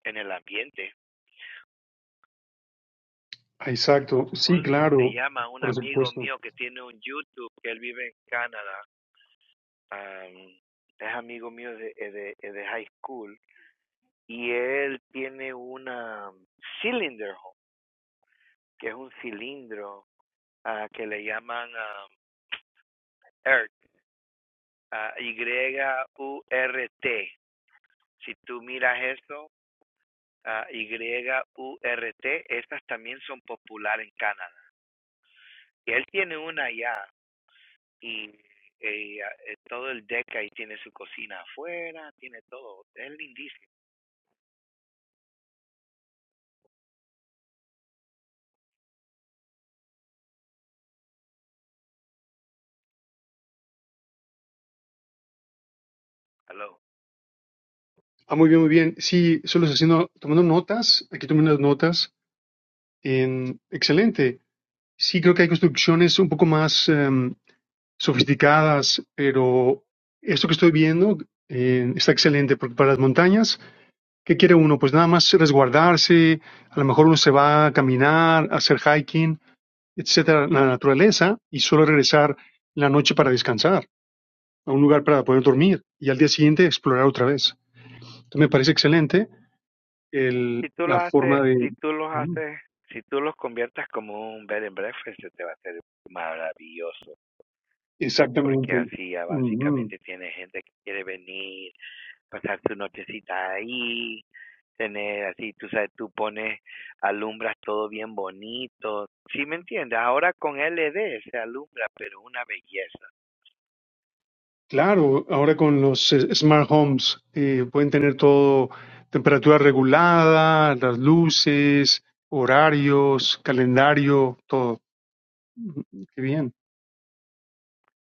[SPEAKER 1] en el ambiente.
[SPEAKER 6] Ah,
[SPEAKER 1] no-
[SPEAKER 6] Exacto, sí,
[SPEAKER 1] se
[SPEAKER 6] claro,
[SPEAKER 1] llama? Un
[SPEAKER 6] por
[SPEAKER 1] amigo
[SPEAKER 6] supuesto.
[SPEAKER 1] mío que tiene un YouTube, que él vive en Canadá, am, es amigo mío de, eh, de, eh, de high school y él tiene una cylinder home, que es un cilindro ah, que le llaman ah, ERT, ah, Y-U-R-T. Si tú miras eso, ah, Y-U-R-T, estas también son populares en Canadá. Y él tiene una allá y eh, eh, todo el deck ahí tiene su cocina afuera, tiene todo. Es lindísimo. Hello.
[SPEAKER 6] Ah, muy bien, muy bien. Sí, solo estoy haciendo, tomando notas, aquí tomé unas notas. En, excelente. Sí, creo que hay construcciones un poco más em, sofisticadas, pero esto que estoy viendo eh, está excelente porque para las montañas, ¿qué quiere uno? Pues nada más resguardarse, a lo mejor uno se va a caminar, a hacer hiking, etcétera, en la naturaleza y solo regresar en la noche para descansar, a un lugar para poder dormir y al día siguiente explorar otra vez. Entonces me parece excelente el,
[SPEAKER 1] Si tú los
[SPEAKER 6] la forma
[SPEAKER 1] haces,
[SPEAKER 6] de...
[SPEAKER 1] si tú los
[SPEAKER 6] Ujú,
[SPEAKER 1] haces, si tú los conviertas como un bed and breakfast, se te va a hacer maravilloso, porque
[SPEAKER 6] Exactamente.
[SPEAKER 1] así ya
[SPEAKER 6] Ujú.
[SPEAKER 1] básicamente tiene gente que quiere venir, pasar su nochecita ahí, tener así, tú sabes, tú pones, alumbras todo bien bonito, ¿sí me entiendes? Ahora con LED se alumbra, pero una belleza,
[SPEAKER 6] Claro, ahora con los eh, smart homes eh, pueden tener todo, temperatura regulada, las luces, horarios, calendario, todo. Mm, Qué bien.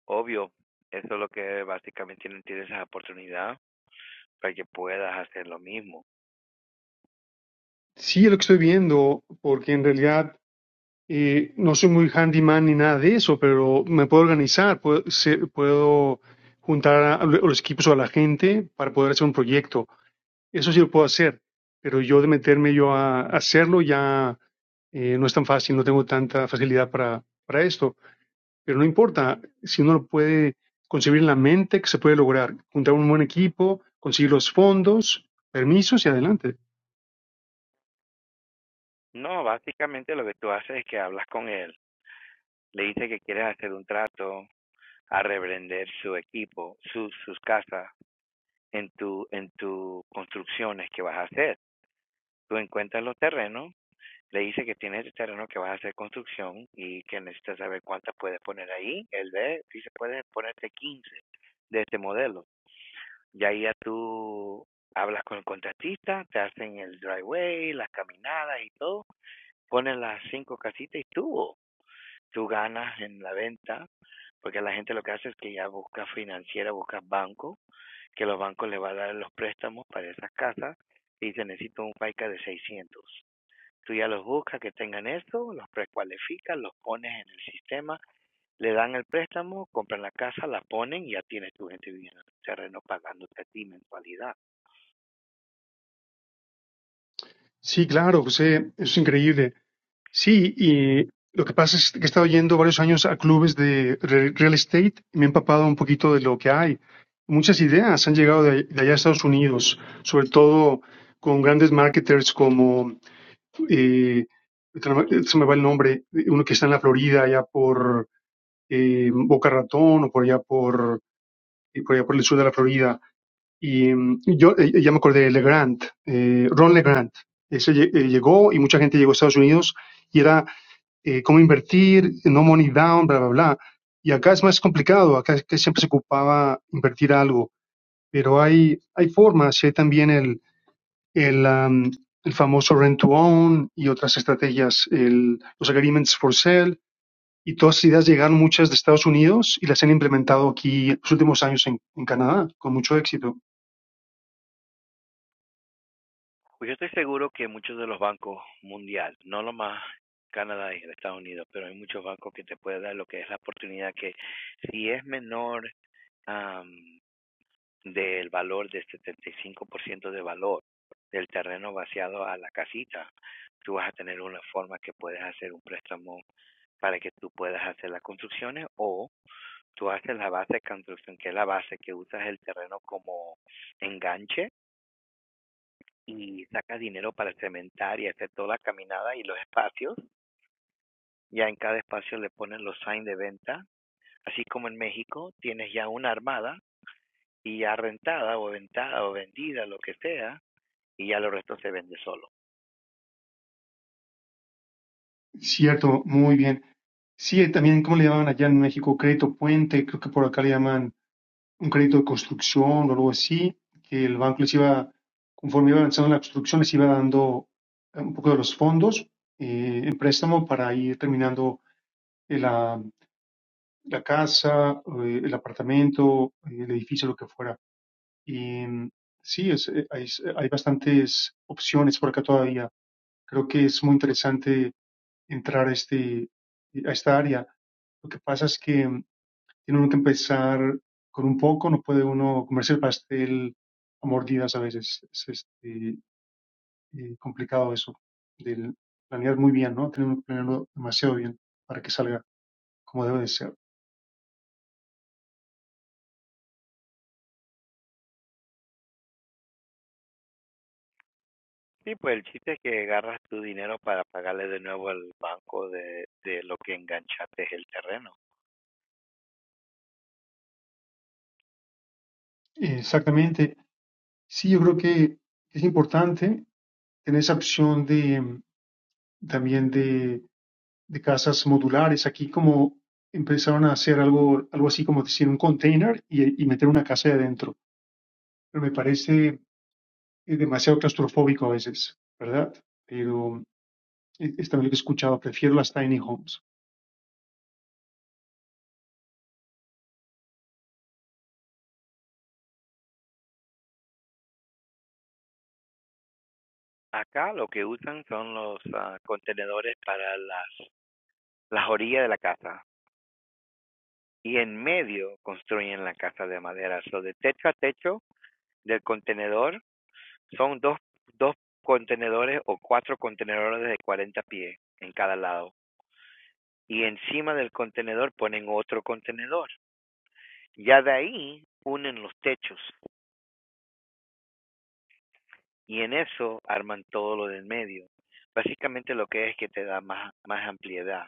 [SPEAKER 1] obvio, eso es lo que básicamente no tienes esa oportunidad para que puedas hacer lo mismo.
[SPEAKER 6] Sí, es lo que estoy viendo, porque en realidad eh, no soy muy handyman ni nada de eso, pero me puedo organizar, puedo, se- puedo juntar a a los equipos o a la gente para poder hacer un proyecto. Eso sí lo puedo hacer, pero yo de meterme yo a hacerlo ya eh, no es tan fácil, no tengo tanta facilidad para, para esto, pero no importa, si uno lo puede concebir en la mente que se puede lograr, juntar un buen equipo, conseguir los fondos, permisos y adelante.
[SPEAKER 1] No, básicamente lo que tú haces es que hablas con él, le dice que quieres hacer un trato a revender su equipo, su, sus casas en tu, en tus construcciones que vas a hacer. Tú encuentras los terrenos, le dice que tienes este terreno que vas a hacer construcción y que necesitas saber cuántas puedes poner ahí. Él ve, dice, puedes ponerte quince de este modelo. Y ahí ya tú hablas con el contratista, te hacen el driveway, las caminadas y todo, ponen las cinco casitas y tú, tú ganas en la venta Porque la gente lo que hace es que ya busca financiera, busca banco, que los bancos le van a dar los préstamos para esas casas y se necesita un FICA de 600. Tú ya los buscas que tengan esto, los precualificas, los pones en el sistema, le dan el préstamo, compran la casa, la ponen y ya tienes tu gente viviendo en el terreno pagándote a ti mensualidad.
[SPEAKER 6] Sí, claro, José, eso es increíble. Sí, y lo que pasa es que he estado yendo varios años a clubes de re- real estate y me he empapado un poquito de lo que hay. Muchas ideas han llegado de, de allá a Estados Unidos, sobre todo con grandes marketers como, eh, tra- se me va el nombre, uno que está en la Florida, allá por eh, Boca Ratón o por allá por, eh, por allá por el sur de la Florida. Y mm, yo eh, ya me acordé de LeGrand, eh, Ron LeGrand. Ese lle- eh, llegó y mucha gente llegó a Estados Unidos y era eh, cómo invertir, no money down, bla, bla, bla. Y acá es más complicado, acá es que siempre se ocupaba invertir algo, pero hay, hay formas y hay también el, el, am, el famoso rent to own y otras estrategias, el- los agreements for sale. Y todas esas ideas llegaron muchas de Estados Unidos y las han implementado aquí los últimos años en, en Canadá con mucho éxito.
[SPEAKER 1] Pues yo estoy seguro que muchos de los bancos mundial, no lo más Canadá y en Estados Unidos, pero hay muchos bancos que te pueden dar lo que es la oportunidad que si es menor um, del valor del 75% de valor del terreno vaciado a la casita, tú vas a tener una forma que puedes hacer un préstamo para que tú puedas hacer las construcciones o tú haces la base de construcción, que es la base que usas el terreno como enganche y sacas dinero para cementar y hacer toda la caminada y los espacios. Ya en cada espacio le ponen los signs de venta. Así como en México tienes ya una armada y ya rentada o ventada o vendida, lo que sea, y ya lo resto se vende solo.
[SPEAKER 6] Cierto, muy bien. Sí, eh, también, ¿cómo le llamaban allá en México? Crédito puente, creo que por acá le llaman un crédito de construcción o algo así, que el banco les iba, conforme iba avanzando la construcción, les iba dando eh, un poco de los fondos eh, en préstamo para ir terminando eh, la, la casa, eh, el apartamento, eh, el edificio, lo que fuera. Y mm, sí, es, eh, hay, hay bastantes opciones por acá todavía. Creo que es muy interesante entrar a, este, eh, a esta área. Lo que pasa es que mm, tiene uno que empezar con un poco, no puede uno comerse el pastel a mordidas a veces. Es este, eh, complicado eso, del planear muy bien, ¿no? Tener que planearlo demasiado bien para que salga como debe de ser.
[SPEAKER 1] Sí, pues el chiste es que agarras tu dinero para pagarle de nuevo al banco de, de lo que enganchaste el terreno.
[SPEAKER 6] Exactamente. Sí, yo creo que es importante tener esa opción de mm, también de, de casas modulares. Aquí como empezaron a hacer algo, algo así como decir un container y, y meter una casa ahí adentro. Pero me parece eh, demasiado claustrofóbico a veces, ¿verdad? Pero eh, es también lo que he escuchado, prefiero las tiny homes.
[SPEAKER 1] Acá lo que usan son los ah, contenedores para las, las orillas de la casa y en medio construyen la casa de madera. So, de techo a techo del contenedor son dos, dos contenedores o cuatro contenedores de cuarenta pies en cada lado. Y encima del contenedor ponen otro contenedor. Ya de ahí unen los techos y en eso arman todo lo del medio. Básicamente lo que es que te da más, más ampliedad,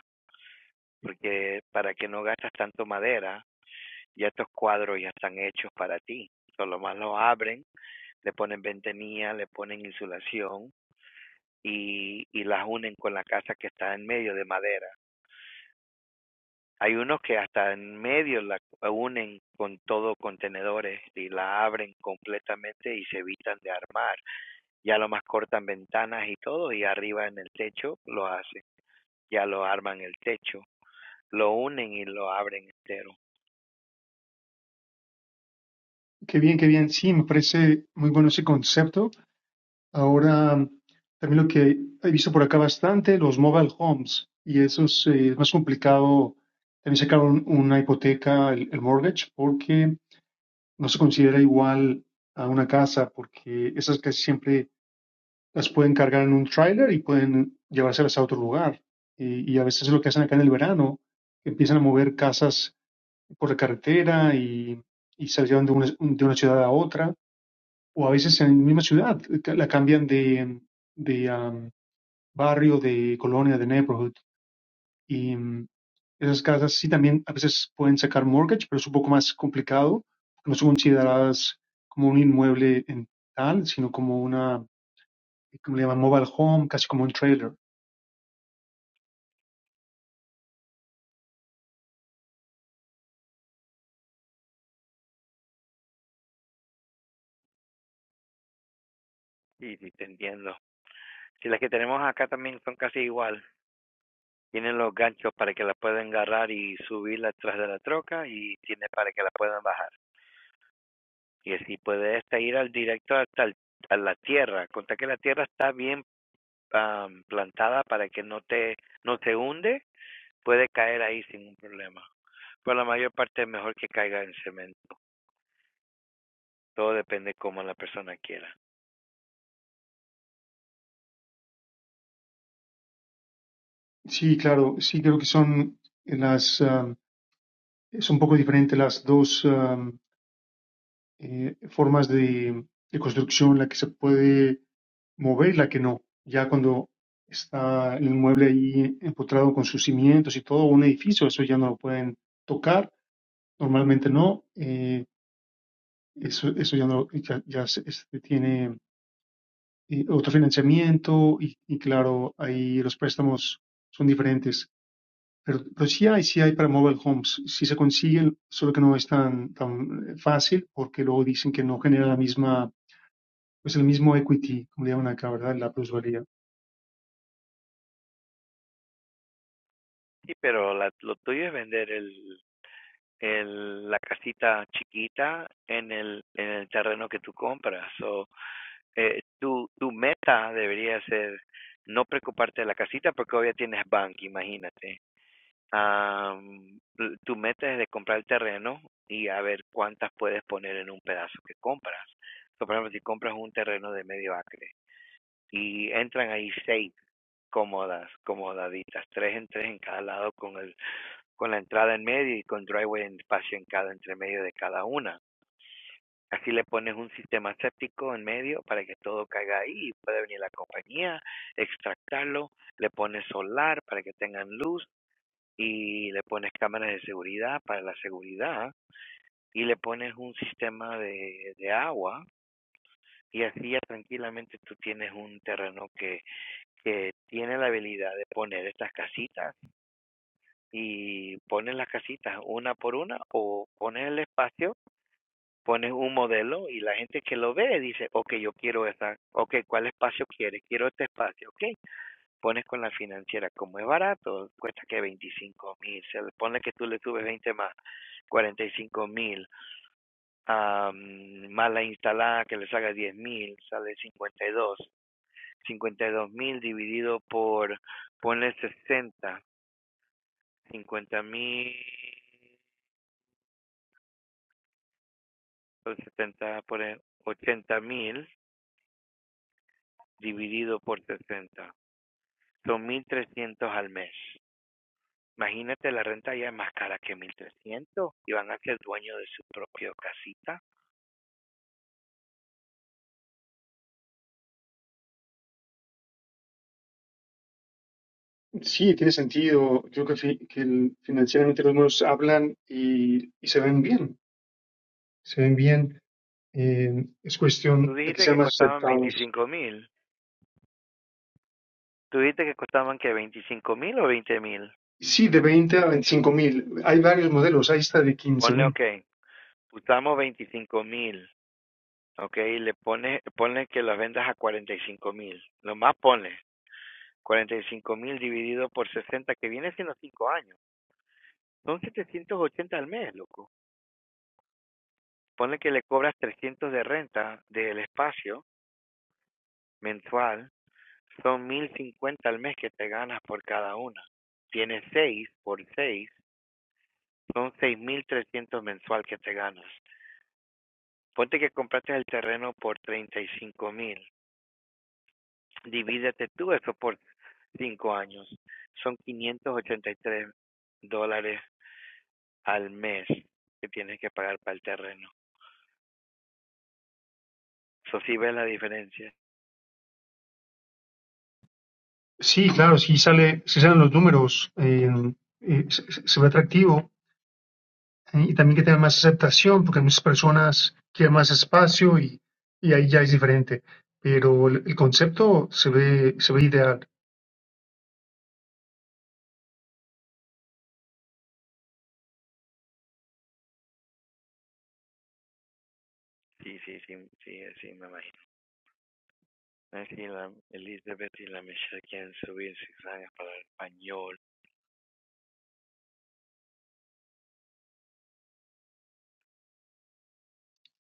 [SPEAKER 1] porque para que no gastas tanto madera, ya estos cuadros ya están hechos para ti. Solo más los abren, le ponen ventanilla, le ponen insulación y, y las unen con la casa que está en medio de madera. Hay unos que hasta en medio la unen con todo contenedores y la abren completamente y se evitan de armar. Ya lo más cortan ventanas y todo, y arriba en el techo lo hacen. Ya lo arman el techo, lo unen y lo abren entero.
[SPEAKER 6] Qué bien, qué bien. Sí, me parece muy bueno ese concepto. Ahora, también lo que he visto por acá bastante, los mobile homes, y eso es eh, más complicado. También sacar un- una hipoteca, el, el mortgage, porque no se considera igual a una casa, porque esas casi siempre las pueden cargar en un tráiler y pueden llevárselas a otro lugar. Y, y a veces es lo que hacen acá en el verano, que empiezan a mover casas por la carretera y, y se las llevan de una, de una ciudad a otra, o a veces en la misma ciudad, ca- la cambian de, de, barrio, de colonia, de neighborhood. Y mm, esas casas sí también a veces pueden sacar mortgage, pero es un poco más complicado. No son consideradas como un inmueble en tal, sino como una, cómo le llaman, mobile home, casi como un trailer.
[SPEAKER 1] Y, y te entiendo. Si las que tenemos acá también son casi igual. Tienen los ganchos para que la puedan agarrar y subirla atrás de la troca y tiene para que la puedan bajar. Y así puede esta ir al directo hasta el- a la tierra. Conta que la tierra está bien am, plantada para que no te no te hunde, puede caer ahí sin un problema. Por la mayor parte es mejor que caiga en cemento. Todo depende cómo la persona quiera.
[SPEAKER 6] Sí, claro, sí creo que son eh, las, ah, es un poco diferente las dos ah, eh, formas de, de construcción, la que se puede moverla que no. Ya cuando está el mueble ahí empotrado con sus cimientos y todo, un edificio, eso ya no lo pueden tocar, normalmente no, eh, eso, eso ya no, ya, ya se- este, tiene eh, otro financiamiento y, y claro, ahí los préstamos son diferentes. Pero, pero sí hay, sí hay para mobile homes, sí se consiguen, solo que no es tan, tan eh, fácil porque luego dicen que no genera la misma, pues el mismo equity, como le llaman acá, ¿verdad? La plusvalía.
[SPEAKER 1] Sí, pero la, lo tuyo es vender el, el, la casita chiquita en el, en el terreno que tú compras. So, eh, tu, tu meta debería ser no preocuparte de la casita porque hoy ya tienes bank, imagínate. Am, tu meta es de comprar el terreno y a ver cuántas puedes poner en un pedazo que compras. So, por ejemplo, si compras un terreno de medio acre y entran ahí seis Cómodas, comodaditas, tres en tres en cada lado con el, con la entrada en medio y con driveway en espacio en cada entremedio de cada una. Así le pones un sistema séptico en medio para que todo caiga ahí puede venir la compañía, extractarlo, le pones solar para que tengan luz y le pones cámaras de seguridad para la seguridad y le pones un sistema de, de agua y así ya tranquilamente tú tienes un terreno que, que tiene la habilidad de poner estas casitas y pones las casitas una por una o pones el espacio, pones un modelo y la gente que lo ve dice, ok, yo quiero esta, ok, ¿cuál espacio quieres? Quiero este espacio, ok, pones con la financiera, como es barato, cuesta que 25 mil, se pone que tú le subes 20 más, 45 mil, um, más la instalada que le salga 10 mil, sale 52, 52 mil dividido por, ponle 60, 50 mil Son 70 por el 80 mil dividido por 60. Son 1.300 al mes. Imagínate, la renta ya es más cara que 1.300 y van a ser dueños de su propia casita.
[SPEAKER 6] Sí, tiene sentido. Creo que, fi- que el- financieramente los números hablan y, y se ven bien. Se ven bien. eh, es
[SPEAKER 1] Tú
[SPEAKER 6] cuestión de que
[SPEAKER 1] dijiste
[SPEAKER 6] sean
[SPEAKER 1] que
[SPEAKER 6] más
[SPEAKER 1] costaban
[SPEAKER 6] aceptados.
[SPEAKER 1] 25 mil. Tú dijiste que costaban que 25 mil o 20 mil.
[SPEAKER 6] Sí, de 20 a 25 mil. Hay varios modelos. Ahí está de 15
[SPEAKER 1] Ponle,
[SPEAKER 6] mil.
[SPEAKER 1] ok, usamos 25 mil. Ok, le pones, ponle que las vendas a 45 mil. Lo más ponle, 45 mil dividido por 60, que viene siendo cinco años. Son 780 al mes, loco. Ponle que le cobras 300 de renta del espacio mensual, son 1050 al mes que te ganas por cada una. Tienes seis por seis, son seis mil trescientos mensual que te ganas. Ponte que compraste el terreno por 35000. Divídete tú eso por cinco años. Son 583 dólares al mes que tienes que pagar para el terreno. Eso sí ves la diferencia.
[SPEAKER 6] Sí, claro, si sale, si salen los números, eh, eh, se, se- se ve atractivo. eh, Y también que tenga más aceptación, porque muchas personas quieren más espacio y, y ahí ya es diferente. Pero el, el concepto se ve, se ve ideal.
[SPEAKER 1] Sí, sí, sí, sí, sí, me imagino. No, sí, la Elizabeth y la Michelle quieren subirse, ¿sabes? Para el español.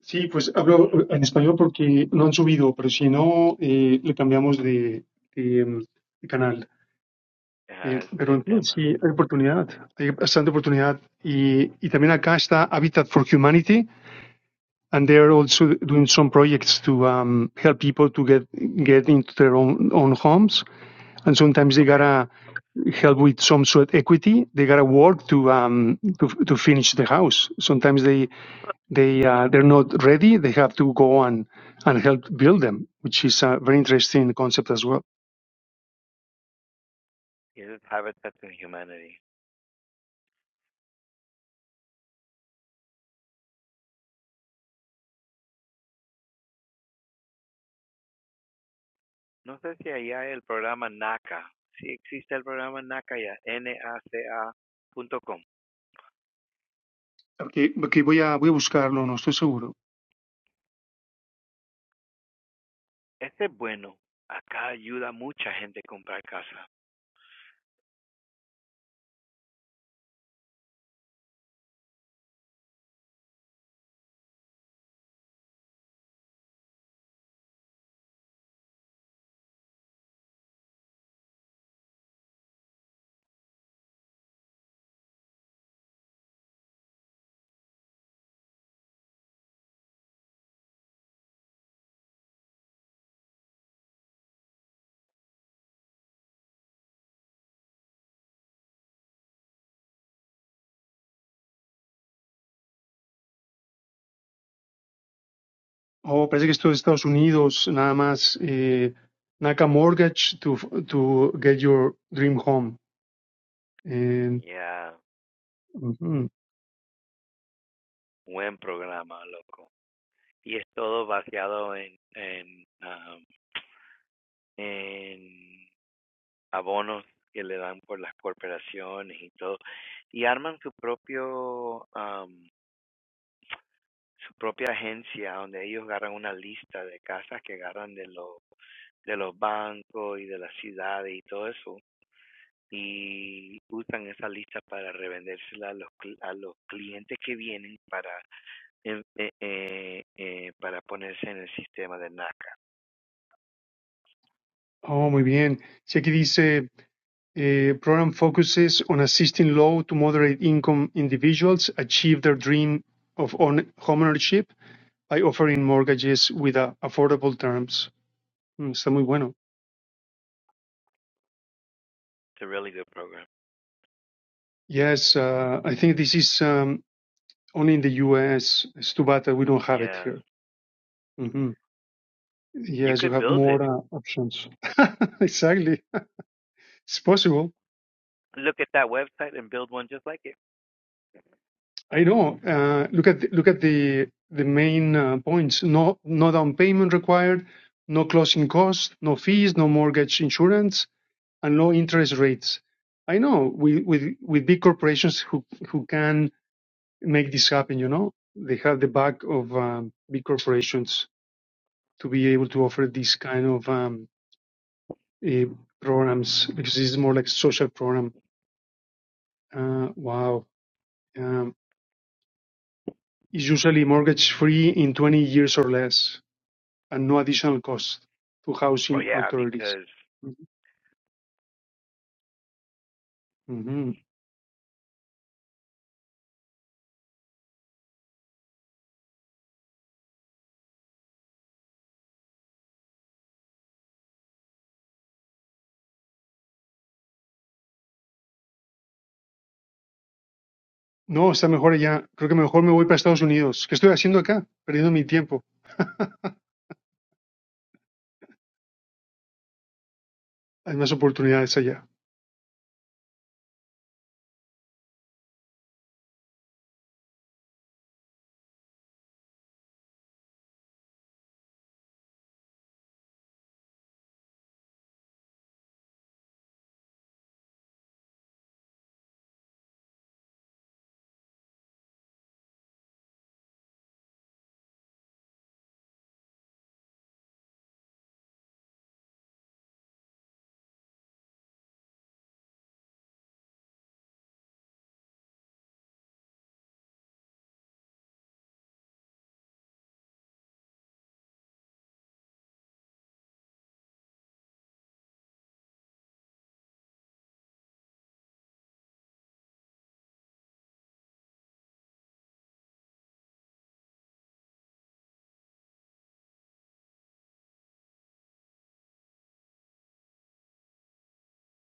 [SPEAKER 6] Sí, pues hablo
[SPEAKER 1] No,
[SPEAKER 6] uh, en español porque no han subido, pero si no, eh, le cambiamos de, de, mm, de canal. Eh,
[SPEAKER 1] ajá, el,
[SPEAKER 6] pero
[SPEAKER 1] el
[SPEAKER 6] entonces
[SPEAKER 1] tema.
[SPEAKER 6] sí, hay oportunidad, hay bastante oportunidad. Y, y también acá está Habitat for Humanity, and they're
[SPEAKER 1] Ujú,
[SPEAKER 6] also doing some projects to um, help people to get, get into their own, own homes. And sometimes they
[SPEAKER 1] Ok.
[SPEAKER 6] gotta help with some sort of equity. They gotta work to, um, to, to finish the house. Sometimes they they uh, they're not ready. They have to go and and help build them, which is a very interesting concept as well.
[SPEAKER 1] Y eso es Habitats in Humanity. No sé si allá hay el programa NACA. Sí existe el programa NACA ya, naca.com.
[SPEAKER 6] Aquí, aquí voy a voy a buscarlo, no estoy seguro.
[SPEAKER 1] Este es bueno. Acá ayuda a mucha gente a comprar casa.
[SPEAKER 6] Oh, parece que esto es Estados Unidos, nada más. Eh, Naka Mortgage to to get your dream home. And,
[SPEAKER 1] Ya,
[SPEAKER 6] ujú.
[SPEAKER 1] buen programa, loco. Y es todo vaciado en, en, um, en abonos que le dan por las corporaciones y todo, y arman su propio am, su propia agencia donde ellos agarran una lista de casas que agarran de los de los bancos y de las ciudades y todo eso y usan esa lista para revendérsela a los a los clientes que vienen para eh, eh, eh, para ponerse en el sistema de NACA.
[SPEAKER 6] Oh, muy bien. Si aquí dice eh, program focuses on assisting low to moderate income individuals achieve their dream of own homeownership by offering mortgages with uh, affordable terms. Mm, Está muy bueno.
[SPEAKER 1] It's a really good program.
[SPEAKER 6] Yes, uh, I think this is um, only in the US. It's too bad that we don't have it
[SPEAKER 1] Yeah,
[SPEAKER 6] here. hmm
[SPEAKER 1] you
[SPEAKER 6] Yes, you
[SPEAKER 1] could
[SPEAKER 6] have
[SPEAKER 1] build
[SPEAKER 6] more
[SPEAKER 1] it.
[SPEAKER 6] uh, options. exactly, it's possible.
[SPEAKER 1] Look at that website and build one just like it.
[SPEAKER 6] I know. Uh, look at the, look at the the main uh, points. No no down payment required, no closing costs, no fees, no mortgage insurance, and no interest rates. I know with with with big corporations who who can make this happen, you know? They have the back of um, big corporations to be able to offer these kind of um, eh, programs because this is more like a social program. Uh, wow. Um, it's usually mortgage free in 20 years or less and no additional cost to
[SPEAKER 1] Oh
[SPEAKER 6] housing
[SPEAKER 1] yeah,
[SPEAKER 6] authorities.
[SPEAKER 1] because
[SPEAKER 6] Ujú. No, está mejor allá. Creo que mejor me voy para Estados Unidos. ¿Qué estoy haciendo acá? Perdiendo mi tiempo. Hay más oportunidades allá.